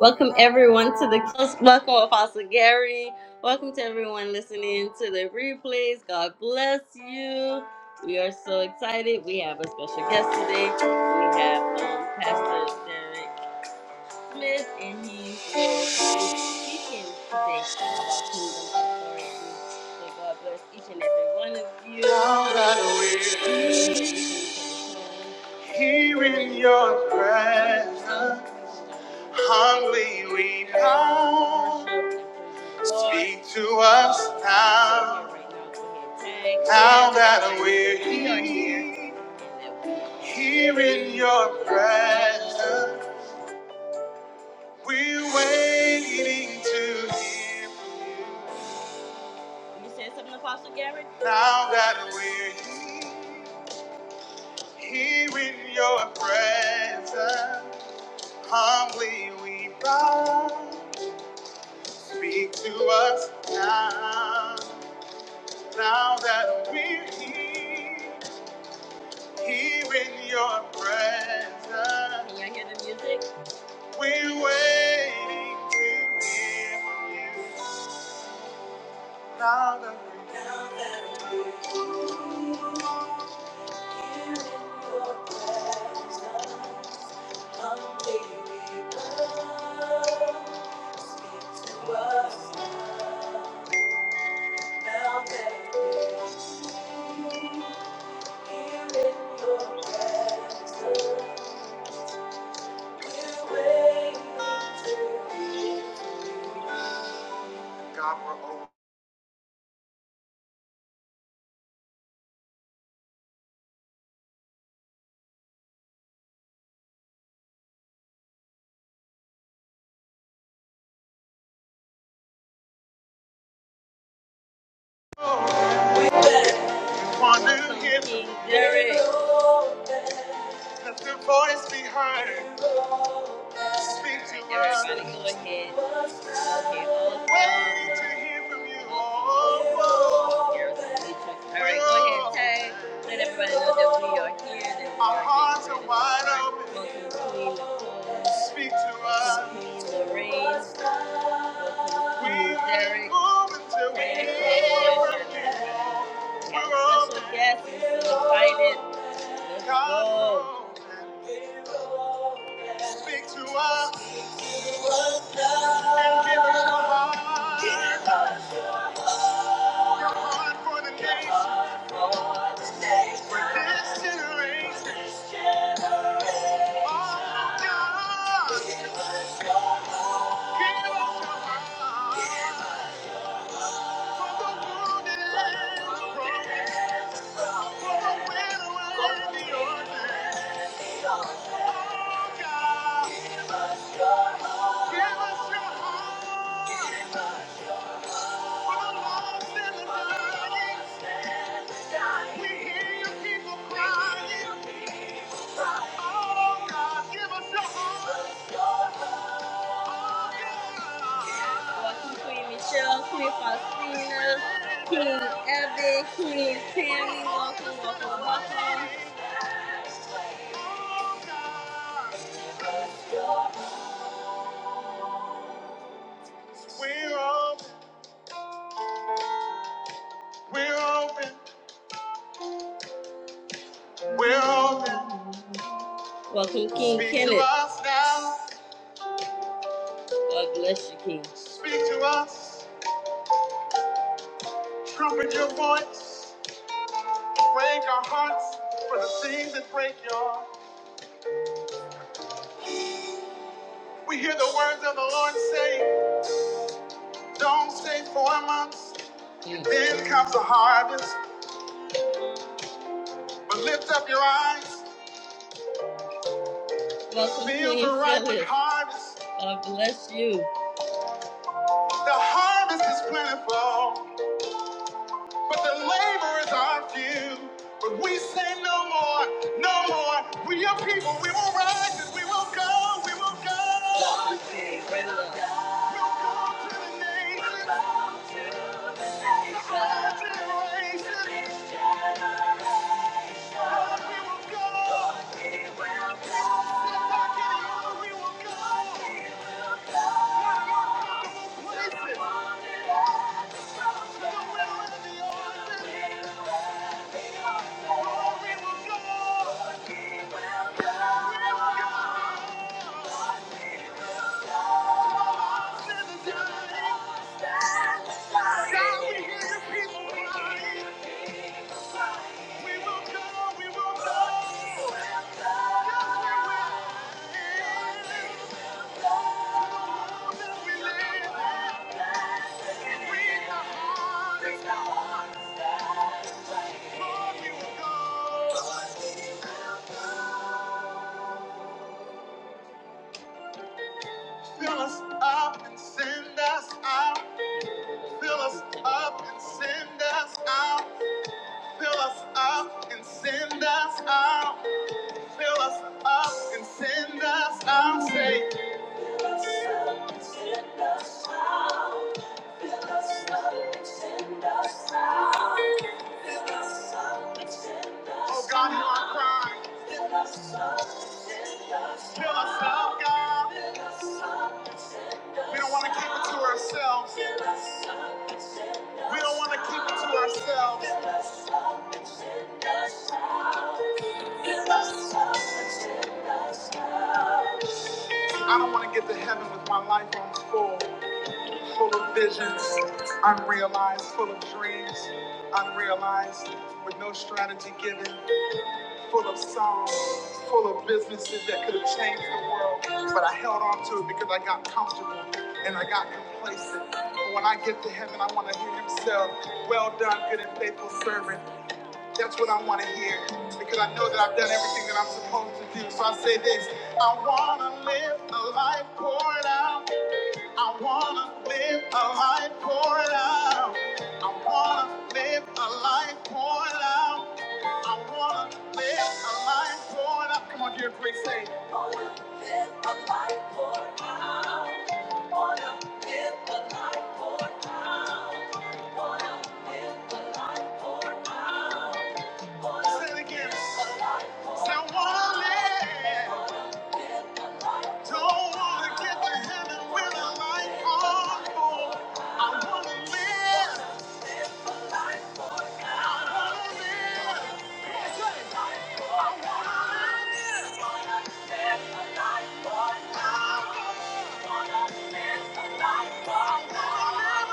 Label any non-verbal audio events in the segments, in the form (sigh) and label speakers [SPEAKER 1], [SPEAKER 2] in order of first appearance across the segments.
[SPEAKER 1] Welcome everyone to the welcome Apostle Gary. Welcome to everyone listening to the replays. God bless you. We are so excited. We have a special guest today. We have um, Pastor Derek Smith, and he's going to be speaking today about kingdom authority. So God bless each and every one of you. Now that we're here in your presence. Humbly we bow. Speak to us now. Now that we're here, here in your presence, we're waiting to hear from you. You said something, Apostle Garrett? Now that we're here, here in your presence, humbly we bow. Speak to us now, now that we're here, here in your presence. Can y'all hear the music? We're waiting to hear from you. Now that we're Now that we're here in your presence, humbly we come. Speak to us now, now that we're here. God, we're Want to hear me? Gary. Let the voice be heard. Speak to us. Everybody go ahead. Okay, Wait to hear from you. Oh, oh. All right, go ahead, Tay. Let everybody know that we are here. That we Our are hearts here. are wide open. Speak to us. Speak to us. Queen Lorraine. We move until we Derek hear from Lewis. you. We're all Special guest is invited. Let's God go. knows. Speak to us and give us your heart. Give us your heart for the nation. For this generation. Oh, God. Give us your heart for the wounded and the broken, for the widow and the orphan. Welcome Queen Michelle, Queen Faustina, Queen Evan, Queen Tammy. Welcome, welcome, welcome. We're open, we're open, we're open. Welcome, King Speak to Kenneth. To us now. God bless you, King. Speak to us. Trumpet your voice. Break our hearts for the things that break your heart. We hear the words of the Lord say, Don't stay four months. Mm. Then comes the harvest. But lift up your eyes. Welcome, Feel Queen the ripe Phyllis. harvest. God bless you. The harvest is plentiful. But the laborers are few. But we say no more, no more. We are people, we will rise and we will go, we will go. we will go. We'll go to the nations, to the generations. Sorry, hear your people. We will go, we will go. Yes, we will. That we live. We are harnessed. Lord, we will. Fill us up and send us Fill us up and send us out. Fill us up and send us out. Fill us up and send us out. Say, Fill us up and send us out. Oh God, hear our cry. Fill us up, God. We don't want to keep it to ourselves. We don't want to keep it to ourselves. I don't want to get to heaven with my life on full. full of visions, unrealized, full of dreams, unrealized, with no strategy given, full of songs, full of businesses that could have changed the world. But I held on to it because I got comfortable and I got complacent. But when I get to heaven, I want to hear him say, Well done, good and faithful servant. That's what I want to hear because I know that I've done everything that I'm supposed to do. So I say this I want to live a life poured out. I wanna live a life poured out. I wanna live a life poured out. I wanna live a life poured out. Come on, dear Grace, say. it. Wanna live a life poured out. Wanna live a life poured out. Wanna live a life poured out. Say it again. Say, I wanna live. Don't wanna get to heaven with a life on hold. I wanna live. I wanna live. Yes, I wanna live. Wanna live a life for power. Wanna live a life for power.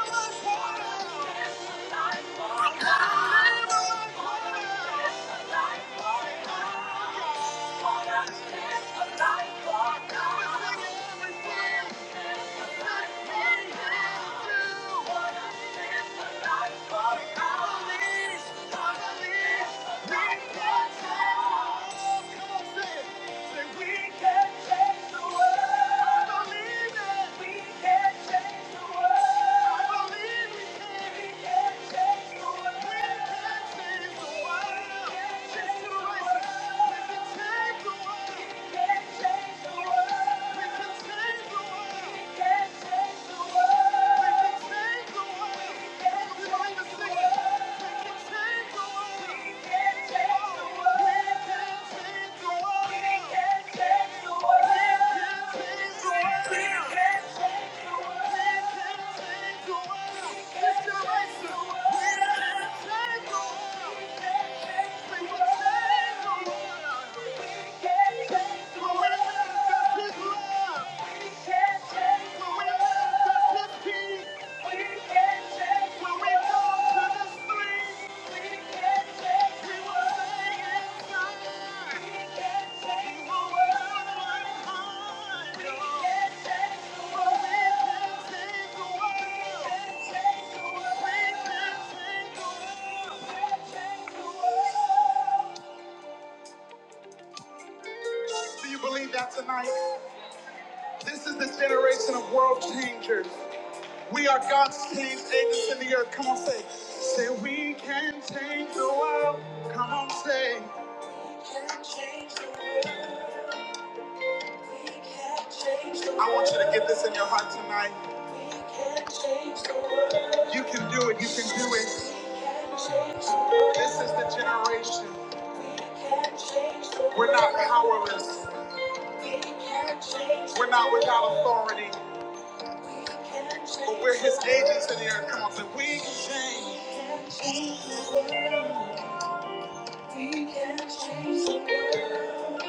[SPEAKER 1] Wanna live a life for power. Wanna live a life for power. Come on, say it. Thank you. Peace. We can't change when we go to the street. Do you believe that tonight? This is the generation of world changers. We are God's change agents in the earth. Come on, say, say we can change the world. Come on, say. I want you to get this in your heart tonight. You can do it. You can do it. This is the generation. We're not powerless. We're not without authority. But we're his agents in the earth. Come on, say, we can change. We can change the world.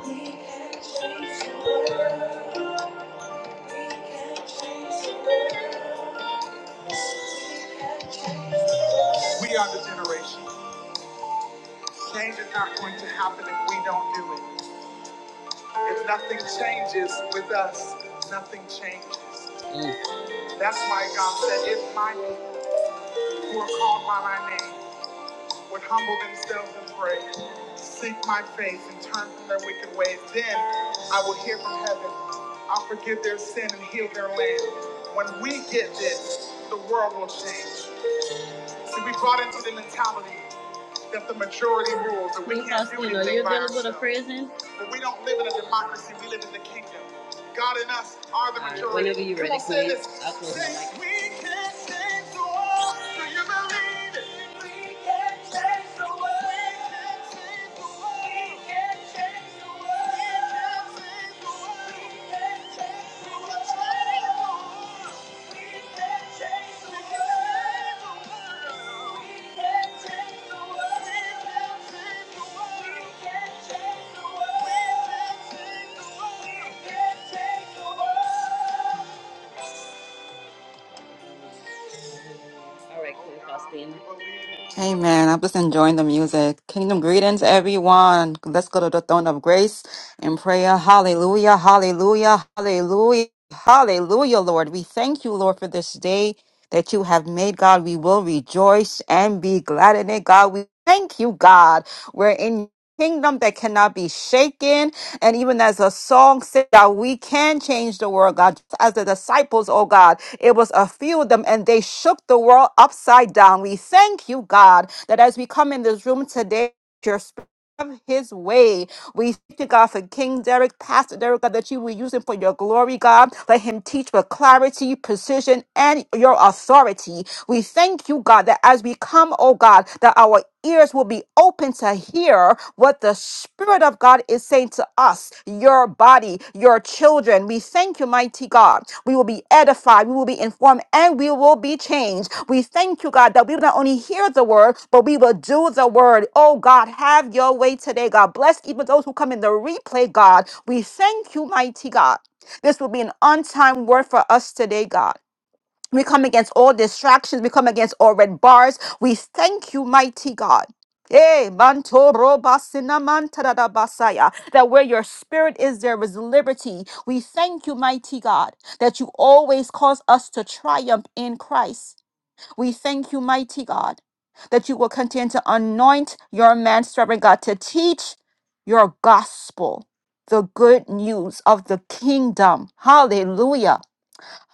[SPEAKER 1] We are the generation. Change is not going to happen if we don't do it. If nothing changes with us, nothing changes. That's why God said, if my people who are called by my name would humble themselves and pray, seek my face, and turn from their wicked ways. Then I will hear from heaven. I'll forgive their sin and heal their land. When we get this, the world will change. See, we brought into the mentality that the majority rules, that we Miss can't do Faustino, anything you're by dealing with a ourselves. prison? But we don't live in a democracy, we live in the kingdom. God and us are the All right, majority. Whenever you're Come ready, on, say please. this. I'll close the Say, mic. we can change the world. Do you believe it? All right, Queen
[SPEAKER 2] Hey
[SPEAKER 1] Faustina.
[SPEAKER 2] man, I'm just enjoying the music. Kingdom greetings, everyone. Let's go to the throne of grace in prayer. Hallelujah, hallelujah, hallelujah, hallelujah, Lord. We thank you, Lord, for this day that you have made, God. We will rejoice and be glad in it, God. We thank you, God. We're in your kingdom that cannot be shaken and even as the song said, God, we can change the world, God. As the disciples, oh God, it was a few of them and they shook the world upside down. We thank you, God, that as we come in this room today, your spirit have his way. We thank you, God, for King Derek, Pastor Derek, God, that you will use him for your glory, God. Let him teach with clarity, precision, and your authority. We thank you, God, that as we come, oh God, that our ears will be open to hear what the Spirit of God is saying to us your body, your children. We thank you, mighty God. We will be edified, we will be informed, and we will be changed. We thank you, God, that we will not only hear the word, but we will do the word. Oh, God, have your way today, God. Bless even those who come in the replay, God. We thank you, mighty God. This will be an on time word for us today, God. We come against all distractions. We come against all red bars. We thank you, mighty God. Hey, manto roba sinaman tadada basaya. That where your spirit is, there is liberty. We thank you, mighty God, that you always cause us to triumph in Christ. We thank you, mighty God, that you will continue to anoint your man servant God to teach your gospel, the good news of the kingdom. Hallelujah.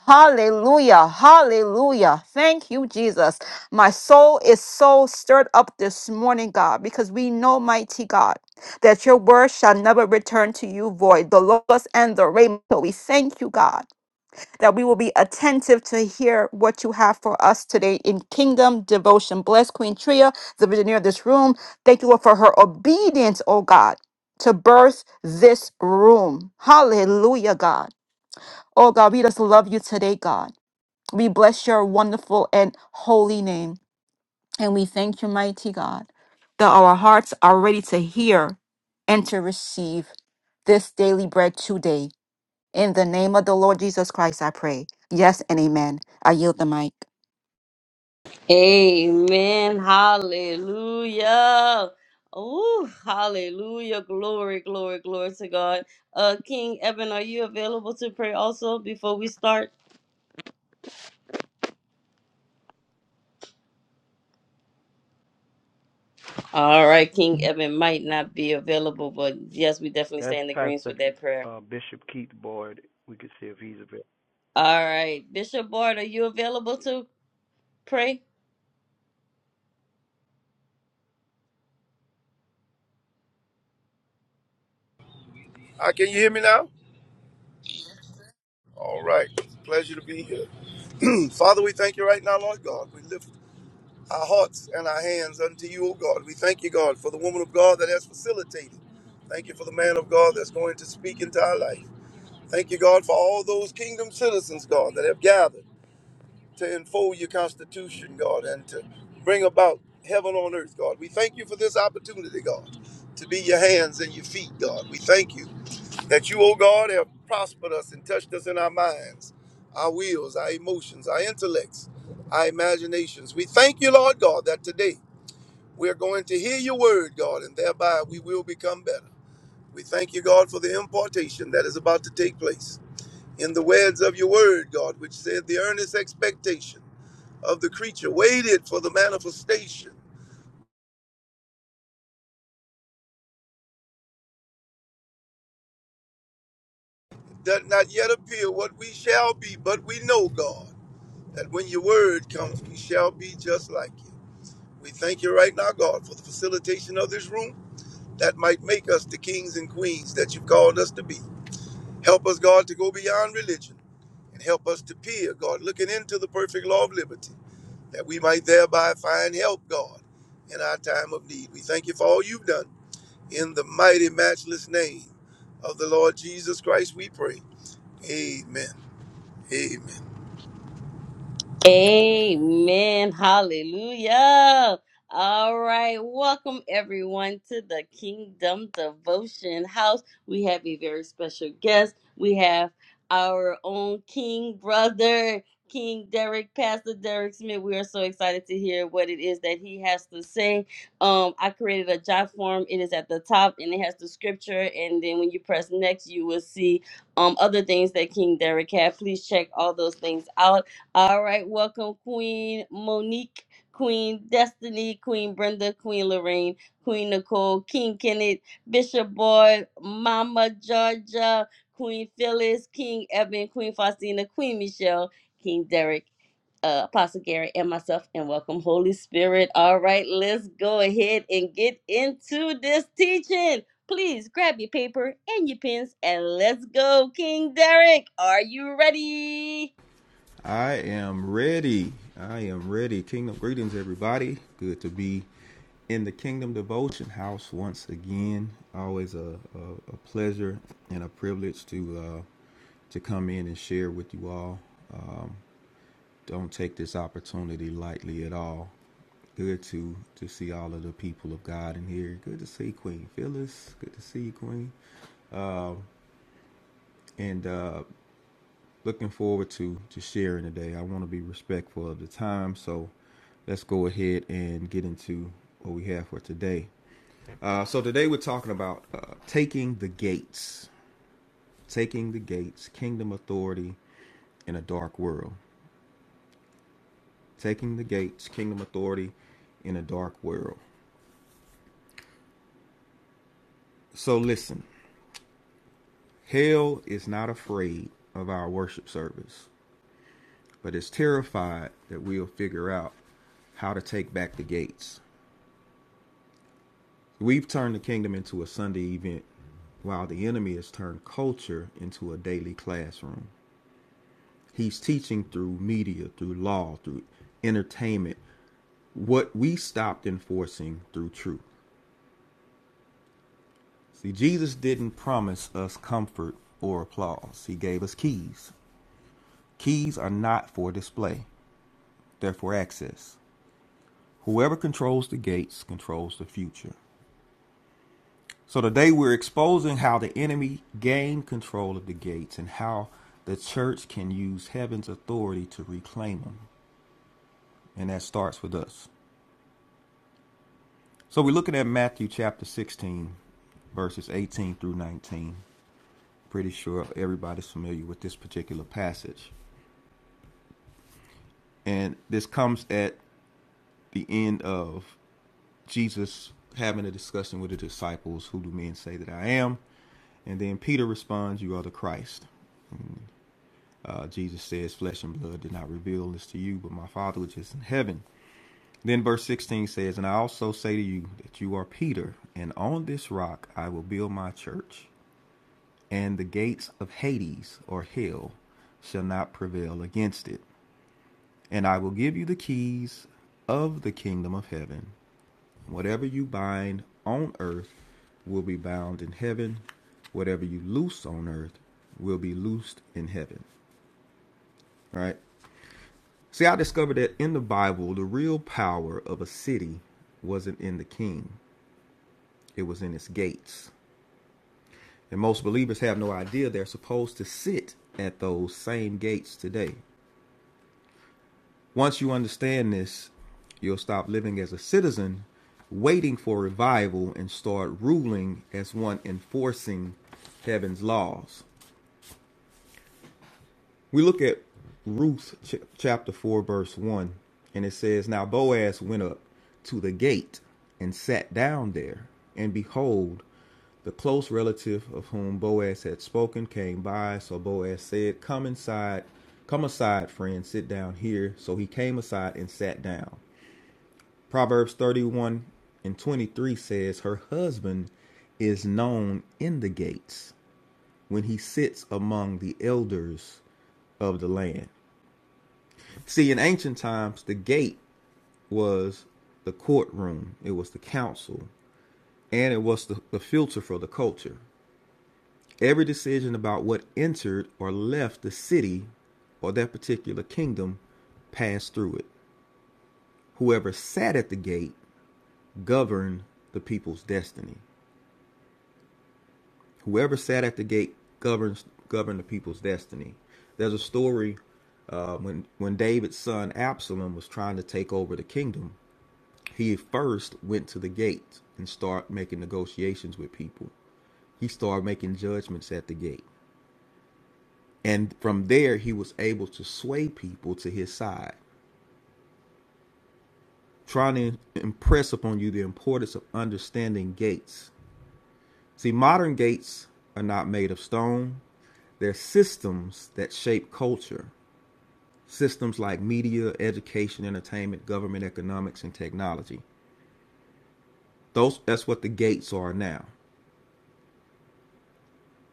[SPEAKER 2] Hallelujah. Hallelujah. Thank you, Jesus. My soul is so stirred up this morning, God, because we know, mighty God, that your word shall never return to you void. The logos and the rhema. So We thank you, God, that we will be attentive to hear what you have for us today in kingdom devotion. Bless Queen Tria, the visionary of this room. Thank you, Lord, for her obedience, oh God, to birth this room. Hallelujah, God. Oh God, we just love you today, God. We bless your wonderful and holy name. And we thank you, mighty God, that our hearts are ready to hear and to receive this daily bread today. In the name of the Lord Jesus Christ, I pray. Yes and amen. I yield the mic.
[SPEAKER 1] Amen. Hallelujah. oh hallelujah. Glory, glory, glory to God. Uh, King Evan, are you available to pray also before we start? All right, King Evan might not be available, but yes, we definitely stand in the greens with that prayer. All right, Bishop Bart, are you available to pray?
[SPEAKER 3] Ah, can you hear me now? All right. It's a Pleasure to be here. (clears throat) Father, we thank you right now, Lord God. We lift our hearts and our hands unto you, O God. We thank you, God, for the woman of God that has facilitated. Thank you for the man of God that's going to speak into our life. Thank you, God, for all those kingdom citizens, God, that have gathered to enfold your constitution, God, and to bring about heaven on earth, God. We thank you for this opportunity, God, to be your hands and your feet, God. We thank you. that you, O God, have prospered us and touched us in our minds, our wills, our emotions, our intellects, our imaginations. We thank you, Lord God, that today we are going to hear your word, God, and thereby we will become better. We thank you, God, for the impartation that is about to take place. In the words of your word, God, which said, The earnest expectation of the creature waited for the manifestation. It does not yet appear what we shall be, but we know, God, that when your word comes, we shall be just like you. We thank you right now, God, for the facilitation of this room that might make us the kings and queens that you've called us to be. Help us, God, to go beyond religion and help us to peer, God, looking into the perfect law of liberty, that we might thereby find help, God, in our time of need. We thank you for all you've done. In the mighty, matchless name of the Lord Jesus Christ, we pray. Amen. Amen.
[SPEAKER 1] Amen. Hallelujah. All right. Welcome everyone to the Kingdom Devotion House. We have a very special guest. We have our own King brother, King Derek, Pastor Derek Smith. We are so excited to hear what it is that he has to say. Um, I created a jot form. It is at the top and it has the scripture. And then when you press next, you will see um other things that King Derek had. Please check all those things out all right, welcome Queen Monique, Queen Destiny, Queen Brenda, Queen Lorraine, Queen Nicole, King Kenneth, Bishop Boy, Mama Georgia, Queen Phyllis, King Eben, Queen Faustina, Queen Michelle, King Derek, uh, Apostle Gary, and myself, and welcome Holy Spirit. All right, let's go ahead and get into this teaching. Please grab your paper and your pens and let's go, King Derek. Are you ready?
[SPEAKER 4] I am ready. I am ready. Kingdom greetings, everybody. Good to be in the Kingdom Devotion House once again. Always a, a, a pleasure and a privilege to uh, to come in and share with you all. Um, don't take this opportunity lightly at all. Good to to see all of the people of God in here. Good to see Queen Phyllis. Good to see you, Queen. Um, and uh, Looking forward to to sharing today. I want to be respectful of the time, so let's go ahead and get into what we have for today. Uh, so today we're talking about uh, taking the gates, taking the gates, kingdom authority in a dark world, taking the gates, kingdom authority in a dark world. So listen, hell is not afraid of our worship service, but is terrified that we'll figure out how to take back the gates. We've turned the kingdom into a Sunday event, while the enemy has turned culture into a daily classroom. He's teaching through media, through law, through entertainment, what we stopped enforcing through truth. See, Jesus didn't promise us comfort or applause, He gave us keys. Keys are not for display, they're for access. Whoever controls the gates controls the future. So today we're exposing how the enemy gained control of the gates and how the church can use heaven's authority to reclaim them. And that starts with us. So we're looking at Matthew chapter 16, verses 18 through 19. Pretty sure everybody's familiar with this particular passage. And this comes at the end of Jesus having a discussion with the disciples Who do men say that I am? And then Peter responds, You are the Christ. Uh, Jesus says, Flesh and blood did not reveal this to you, but my Father which is in heaven. Then verse 16 says, And I also say to you that you are Peter, and on this rock I will build my church, and the gates of Hades or hell shall not prevail against it. And I will give you the keys of the kingdom of heaven. Whatever you bind on earth will be bound in heaven, whatever you loose on earth will be loosed in heaven. All Right? See, I discovered that in the Bible, the real power of a city wasn't in the king, it was in its gates. And most believers have no idea they're supposed to sit at those same gates today. Once you understand this, you'll stop living as a citizen, waiting for revival, and start ruling as one enforcing heaven's laws. We look at Ruth ch- chapter 4, verse 1, and it says, Now Boaz went up to the gate and sat down there, and behold, the close relative of whom Boaz had spoken came by. So Boaz said, Come inside, come aside, friend, sit down here. So he came aside and sat down. Proverbs 31 and 23 says, Her husband is known in the gates when he sits among the elders of the land. See, in ancient times, the gate was the courtroom, it was the council, and it was the, the filter for the culture. Every decision about what entered or left the city or that particular kingdom passed through it. Whoever sat at the gate governed the people's destiny. Whoever sat at the gate governs governed the people's destiny. There's a story uh, when when David's son Absalom was trying to take over the kingdom. he first went to the gate and started making negotiations with people. He started making judgments at the gate. And from there, he was able to sway people to his side, trying to impress upon you the importance of understanding gates. See, modern gates are not made of stone, they're systems that shape culture, systems like media, education, entertainment, government, economics, and technology. Those, that's what the gates are now.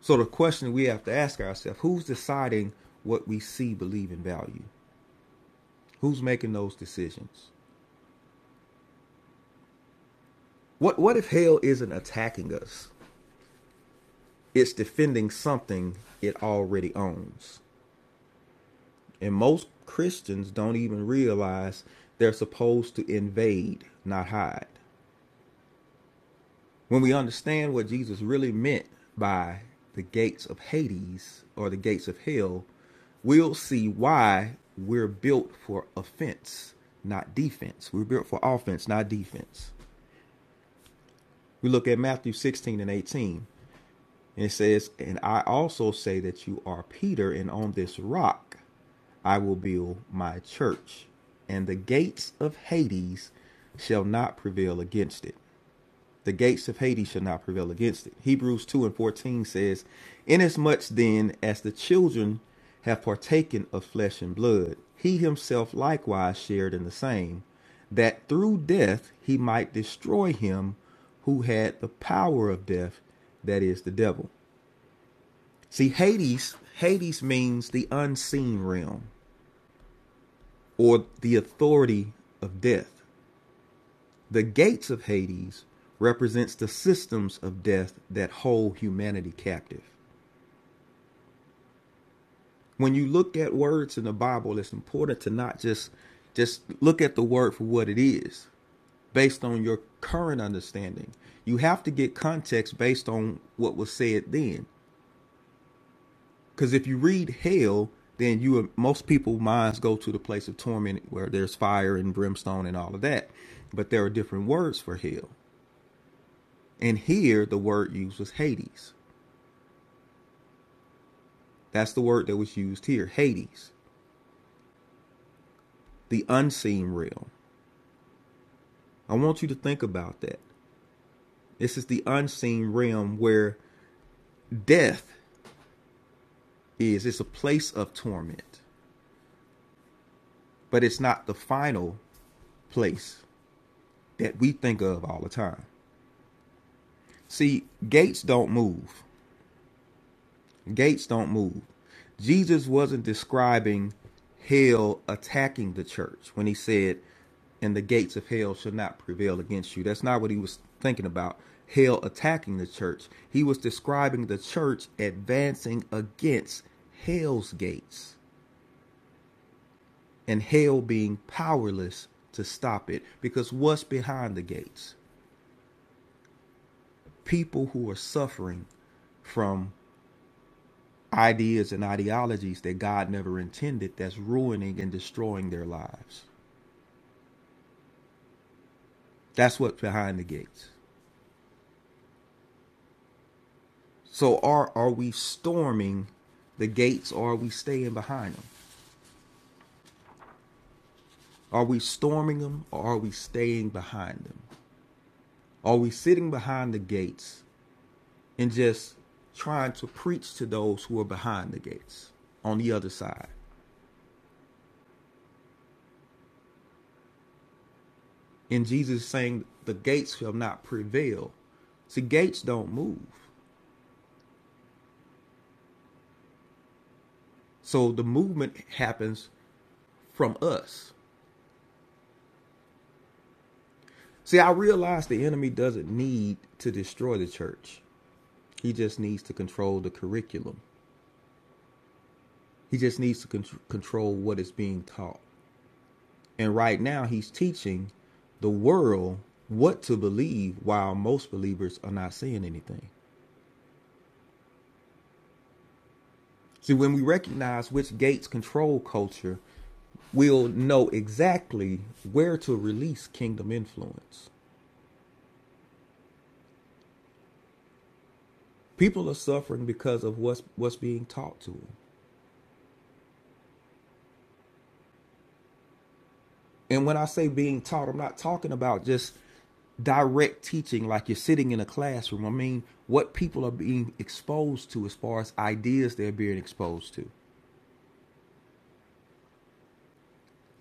[SPEAKER 4] So the question we have to ask ourselves, who's deciding what we see, believe, and value? Who's making those decisions? What what if hell isn't attacking us? It's defending something it already owns. And most Christians don't even realize they're supposed to invade, not hide. When we understand what Jesus really meant by the gates of Hades or the gates of hell, we'll see why we're built for offense, not defense. We're built for offense, not defense. We look at Matthew 16 and 18, and it says, And I also say that you are Peter, and on this rock I will build my church, and the gates of Hades shall not prevail against it. the gates of Hades shall not prevail against it. Hebrews 2 and 14 says, Inasmuch then as the children have partaken of flesh and blood, he himself likewise shared in the same, that through death he might destroy him who had the power of death, that is the devil. See, Hades, Hades means the unseen realm or the authority of death. The gates of Hades represents the systems of death that hold humanity captive. When you look at words in the Bible, it's important to not just just look at the word for what it is based on your current understanding. You have to get context based on what was said then. Because if you read hell, then you most people minds go to the place of torment where there's fire and brimstone and all of that. But there are different words for hell. And here the word used was Hades. That's the word that was used here Hades, the unseen realm. I want you to think about that. This is the unseen realm where death is. It's a place of torment, but it's not the final place that we think of all the time. See, gates don't move, Gates don't move. Jesus wasn't describing hell attacking the church when he said, and the gates of hell shall not prevail against you. That's not what he was thinking about. Hell attacking the church. He was describing the church advancing against hell's gates and hell being powerless to stop it. Because what's behind the gates? People who are suffering from ideas and ideologies that God never intended that's ruining and destroying their lives. That's what's behind the gates. So are are we storming the gates or are we staying behind them? Are we storming them or are we staying behind them? Are we sitting behind the gates and just trying to preach to those who are behind the gates on the other side? And Jesus saying the gates shall not prevail. See, gates don't move. So the movement happens from us. See, I realize the enemy doesn't need to destroy the church. He just needs to control the curriculum. He just needs to con- control what is being taught. And right now, he's teaching the world what to believe while most believers are not saying anything. See, when we recognize which gates control culture, we'll know exactly where to release kingdom influence. People are suffering because of what's, what's being taught to them. And when I say being taught, I'm not talking about just direct teaching like you're sitting in a classroom. I mean, what people are being exposed to as far as ideas they're being exposed to.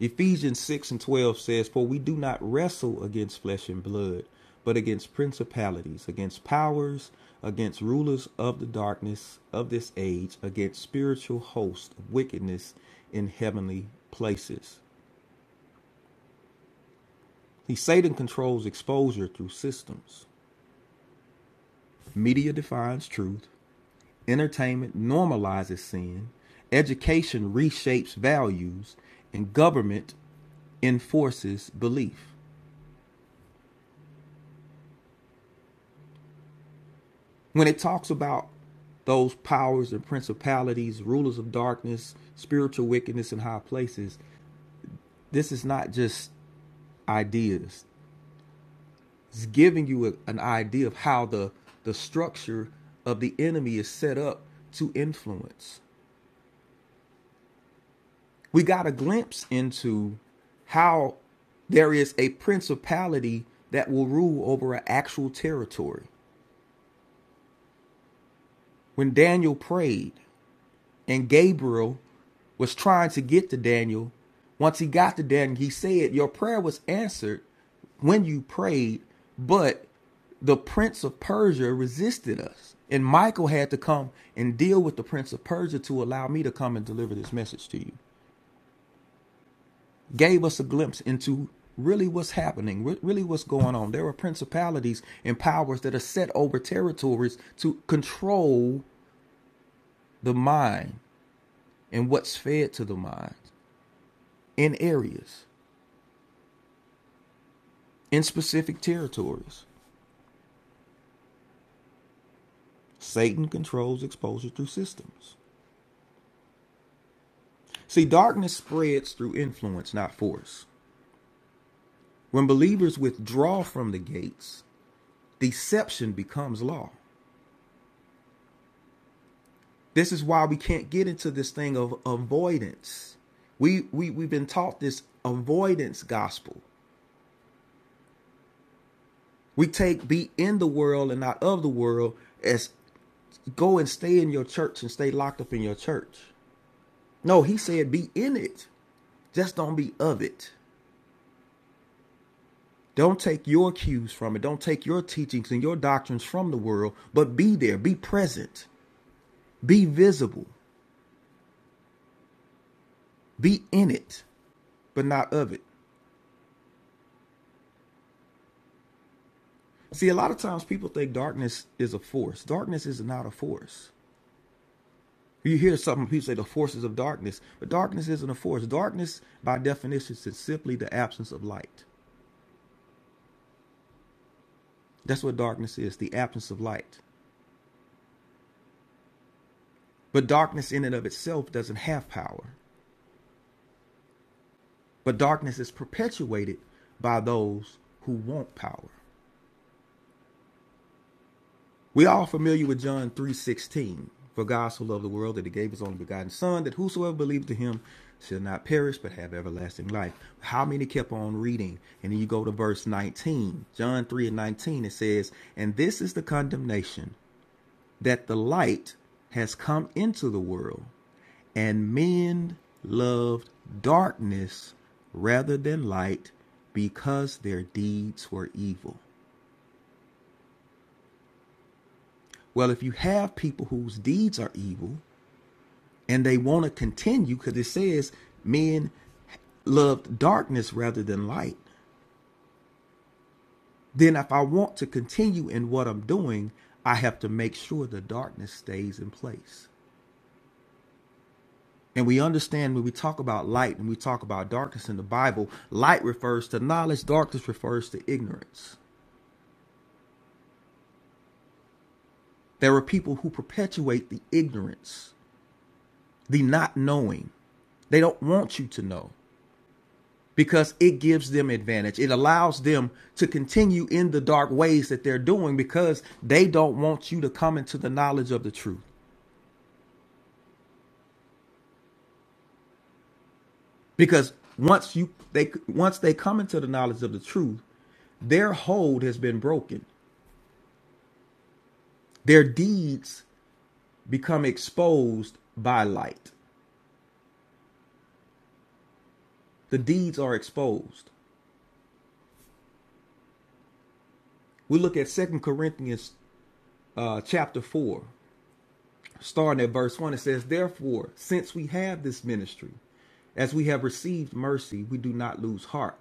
[SPEAKER 4] Ephesians 6 and 12 says, For we do not wrestle against flesh and blood, but against principalities, against powers, against rulers of the darkness of this age, against spiritual hosts of wickedness in heavenly places. See, Satan controls exposure through systems. Media defines truth. Entertainment normalizes sin. Education reshapes values. And government enforces belief. When it talks about those powers and principalities, rulers of darkness, spiritual wickedness in high places, this is not just ideas. It's giving you a- an idea of how the, the structure of the enemy is set up to influence. we got a glimpse into how there is a principality that will rule over an actual territory. When Daniel prayed and Gabriel was trying to get to Daniel, once he got to Daniel, he said, Your prayer was answered when you prayed, but the prince of Persia resisted us. And Michael had to come and deal with the prince of Persia to allow me to come and deliver this message to you. gave us a glimpse into really what's happening, really what's going on. There are principalities and powers that are set over territories to control the mind and what's fed to the mind in areas, in specific territories. Satan controls exposure through systems. See, darkness spreads through influence, not force. When believers withdraw from the gates, deception becomes law. This is why we can't get into this thing of avoidance. We we we've been taught this avoidance gospel. We take be in the world and not of the world as go and stay in your church and stay locked up in your church. No, he said be in it. Just don't be of it. Don't take your cues from it. Don't take your teachings and your doctrines from the world, but be there, be present, be visible, be in it, but not of it. See, a lot of times people think darkness is a force. Darkness is not a force. You hear something? people say the forces of darkness, but darkness isn't a force. Darkness, by definition, is simply the absence of light. That's what darkness is the absence of light. But darkness, in and of itself, doesn't have power. But darkness is perpetuated by those who want power. We all familiar with John 3:16. For God so loved the world that he gave his only begotten son that whosoever believes to him shall not perish but have everlasting life. How many kept on reading? And then you go to verse 19. John 3 and 19 it says, "And this is the condemnation that the light has come into the world, and men loved darkness rather than light because their deeds were evil." Well, if you have people whose deeds are evil, and they want to continue because it says men loved darkness rather than light then if i want to continue in what i'm doing i have to make sure the darkness stays in place and we understand when we talk about light and we talk about darkness in the bible light refers to knowledge darkness refers to ignorance there are people who perpetuate the ignorance the not knowing they don't want you to know because it gives them advantage. It allows them to continue in the dark ways that they're doing because they don't want you to come into the knowledge of the truth. Because once you they once they come into the knowledge of the truth, their hold has been broken. Their deeds become exposed by light. The deeds are exposed. We look at Second Corinthians uh, chapter 4. starting at verse 1, it says, Therefore, since we have this ministry, as we have received mercy, we do not lose heart,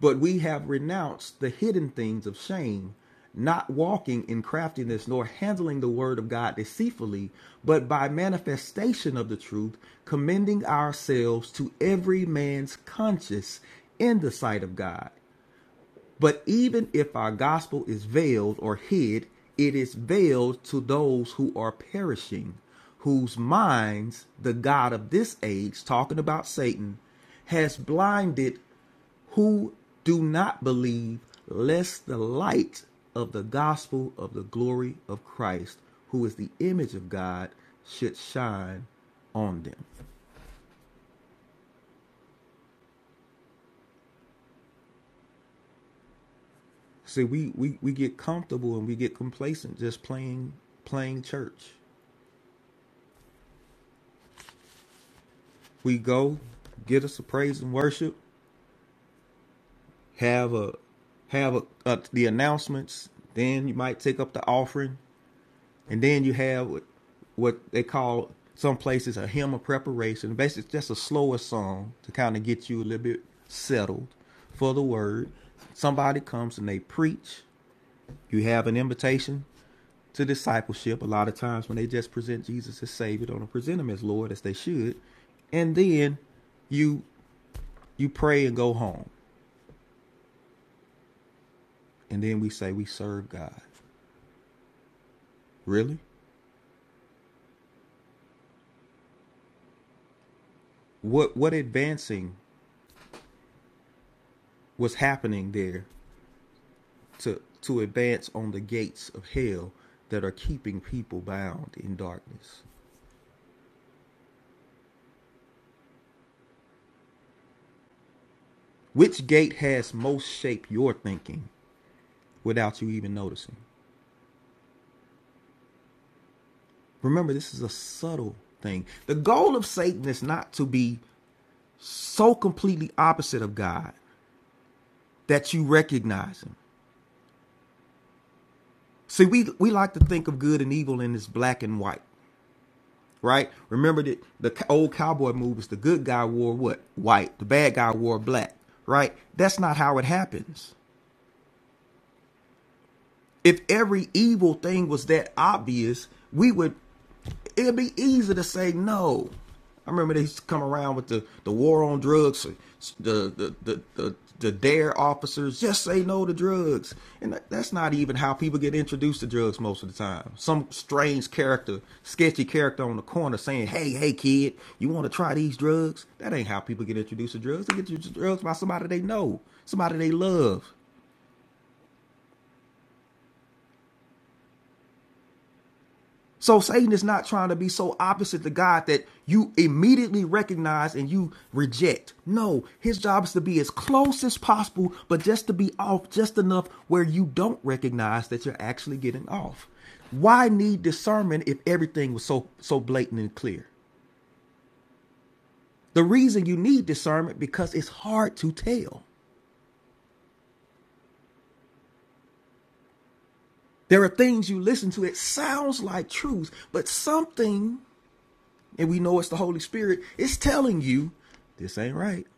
[SPEAKER 4] but we have renounced the hidden things of shame, not walking in craftiness, nor handling the word of God deceitfully, but by manifestation of the truth, commending ourselves to every man's conscience in the sight of God. But even if our gospel is veiled or hid, it is veiled to those who are perishing, whose minds the God of this age, talking about Satan, has blinded who do not believe, lest the light of the gospel of the glory of Christ, who is the image of God, should shine on them. See, we, we, we get comfortable and we get complacent just playing playing church. we go get us a praise and worship have a have a, uh the announcements then you might take up the offering and then you have what, what they call some places a hymn of preparation basically just a slower song to kind of get you a little bit settled for the word somebody comes and they preach you have an invitation to discipleship a lot of times when they just present jesus as savior they don't present him as lord as they should and then you you pray and go home and then we say we serve God. Really? What what advancing was happening there to to advance on the gates of hell that are keeping people bound in darkness? Which gate has most shaped your thinking without you even noticing? Remember, this is a subtle thing. The goal of Satan is not to be so completely opposite of God that you recognize him. See, we, we like to think of good and evil in this black and white. right? Remember that the old cowboy movies, the good guy wore what? White. The bad guy wore black, right? That's not how it happens. If every evil thing was that obvious, we would it'd be easy to say no. I remember they used to come around with the, the war on drugs, the the, the the the dare officers just say no to drugs, and that's not even how people get introduced to drugs most of the time. Some strange character, sketchy character on the corner saying, "Hey, hey, kid, you want to try these drugs?" That ain't how people get introduced to drugs. They get introduced to drugs by somebody they know, somebody they love. So Satan is not trying to be so opposite to God that you immediately recognize and you reject. No, his job is to be as close as possible, but just to be off just enough where you don't recognize that you're actually getting off. Why need discernment if everything was so so blatant and clear? The reason you need discernment because it's hard to tell. There are things you listen to, it sounds like truth, but something, and we know it's the Holy Spirit, is telling you this ain't right.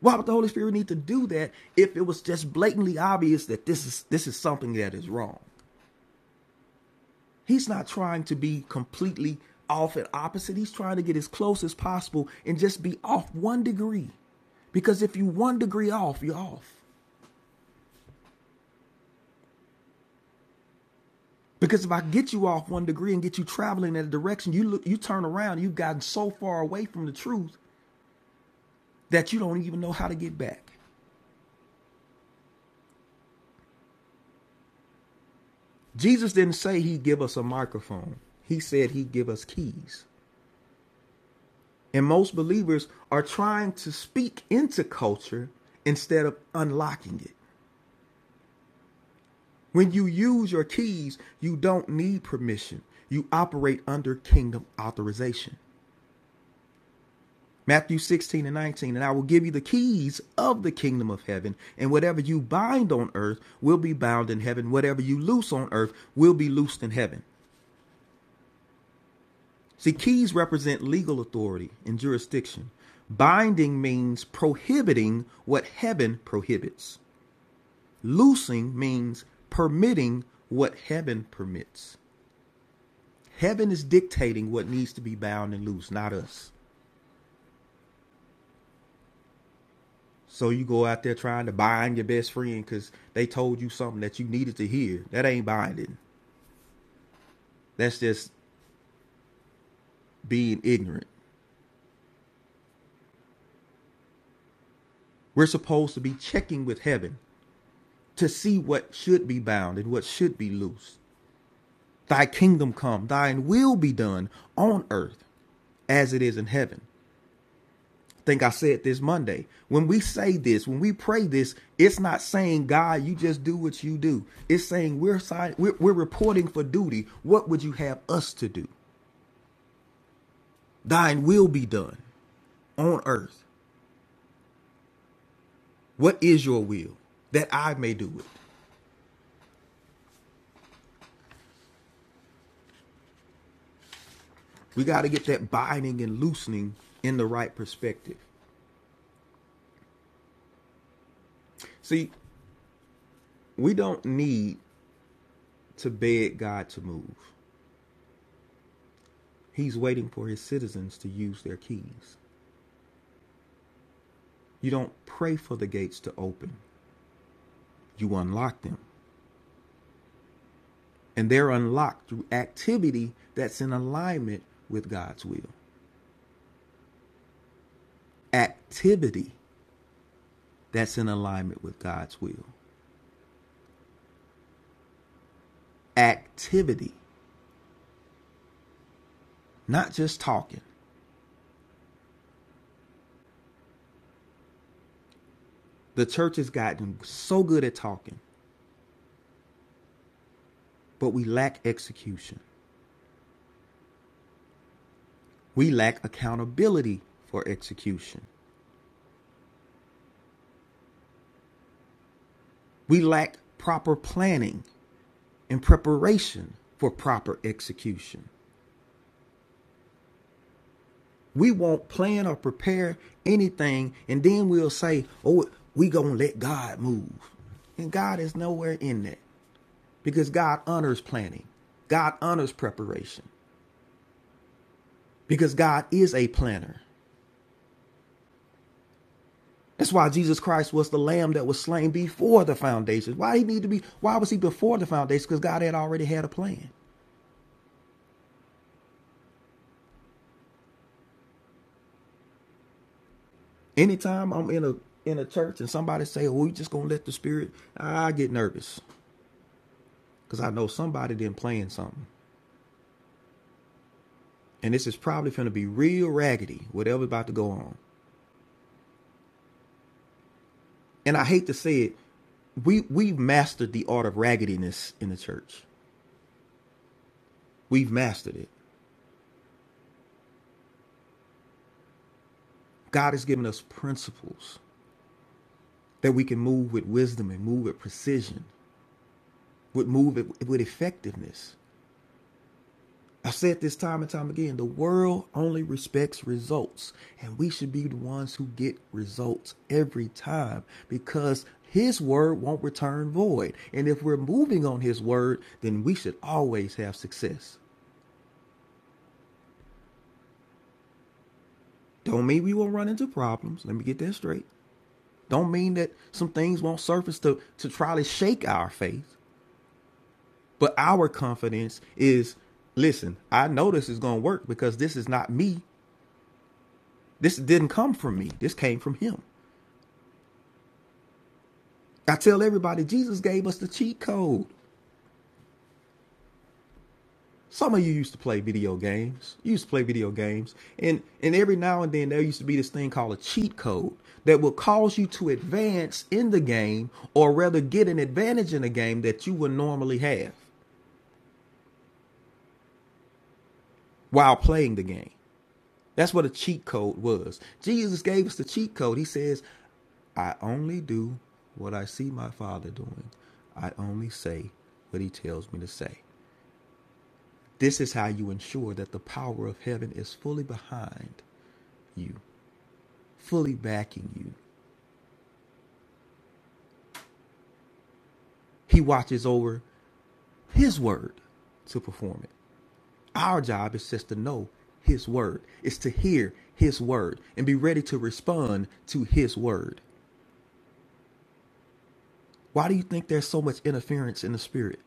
[SPEAKER 4] Why would the Holy Spirit need to do that if it was just blatantly obvious that this is this is something that is wrong? He's not trying to be completely off and opposite. He's trying to get as close as possible and just be off one degree. Because if you one degree off, you're off. Because if I get you off one degree and get you traveling in a direction, you look, you turn around, you've gotten so far away from the truth that you don't even know how to get back. Jesus didn't say he'd give us a microphone. He said he'd give us keys. And most believers are trying to speak into culture instead of unlocking it. When you use your keys, you don't need permission. You operate under kingdom authorization. Matthew 16 and 19, and I will give you the keys of the kingdom of heaven, and whatever you bind on earth will be bound in heaven, whatever you loose on earth will be loosed in heaven. See, keys represent legal authority and jurisdiction. Binding means prohibiting what heaven prohibits. Loosing means permitting what heaven permits. Heaven is dictating what needs to be bound and loose, not us. So you go out there trying to bind your best friend because they told you something that you needed to hear. That ain't binding. That's just being ignorant. We're supposed to be checking with heaven to see what should be bound and what should be loose. Thy kingdom come, thine will be done on earth as it is in heaven. think I said this Monday. When we say this, when we pray this, it's not saying God, you just do what you do. It's saying we're sign- we're, we're reporting for duty. What would you have us to do? Thine will be done on earth. What is your will that I may do it? We got to get that binding and loosening in the right perspective. See, we don't need to beg God to move. He's waiting for his citizens to use their keys. You don't pray for the gates to open. you unlock them. And they're unlocked through activity that's in alignment with God's will. Activity that's in alignment with God's will. Activity, not just talking. The church has gotten so good at talking, but we lack execution. We lack accountability for execution. We lack proper planning and preparation for proper execution. We won't plan or prepare anything, and then we'll say, "Oh, we gonna let God move," and God is nowhere in that because God honors planning, God honors preparation, because God is a planner. That's why Jesus Christ was the Lamb that was slain before the foundation. Why he need to be? Why was he before the foundation? Because God had already had a plan. Anytime I'm in a in a church and somebody say, "Oh, we just gonna let the Spirit," I get nervous because I know somebody didn't plan something. and this is probably going to be real raggedy, whatever's about to go on. And I hate to say it, we we've mastered the art of raggediness in the church. We've mastered it. God has given us principles that we can move with wisdom and move with precision, with move it with effectiveness. I've said this time and time again the world only respects results, and we should be the ones who get results every time because His word won't return void. And if we're moving on His word, then we should always have success. Don't mean we won't run into problems. Let me get that straight. Don't mean that some things won't surface to, to try to shake our faith, but our confidence is listen, I know this is going to work because this is not me. This didn't come from me, this came from Him. I tell everybody, Jesus gave us the cheat code. Some of you used to play video games. You used to play video games. And and every now and then there used to be this thing called a cheat code that will cause you to advance in the game or rather get an advantage in a game that you would normally have while playing the game. That's what a cheat code was. Jesus gave us the cheat code. He says, I only do what I see my father doing. I only say what he tells me to say. This is how you ensure that the power of heaven is fully behind you, fully backing you. He watches over His word to perform it. Our job is just to know His word, it's to hear His word and be ready to respond to His word. Why do you think there's so much interference in the spirit?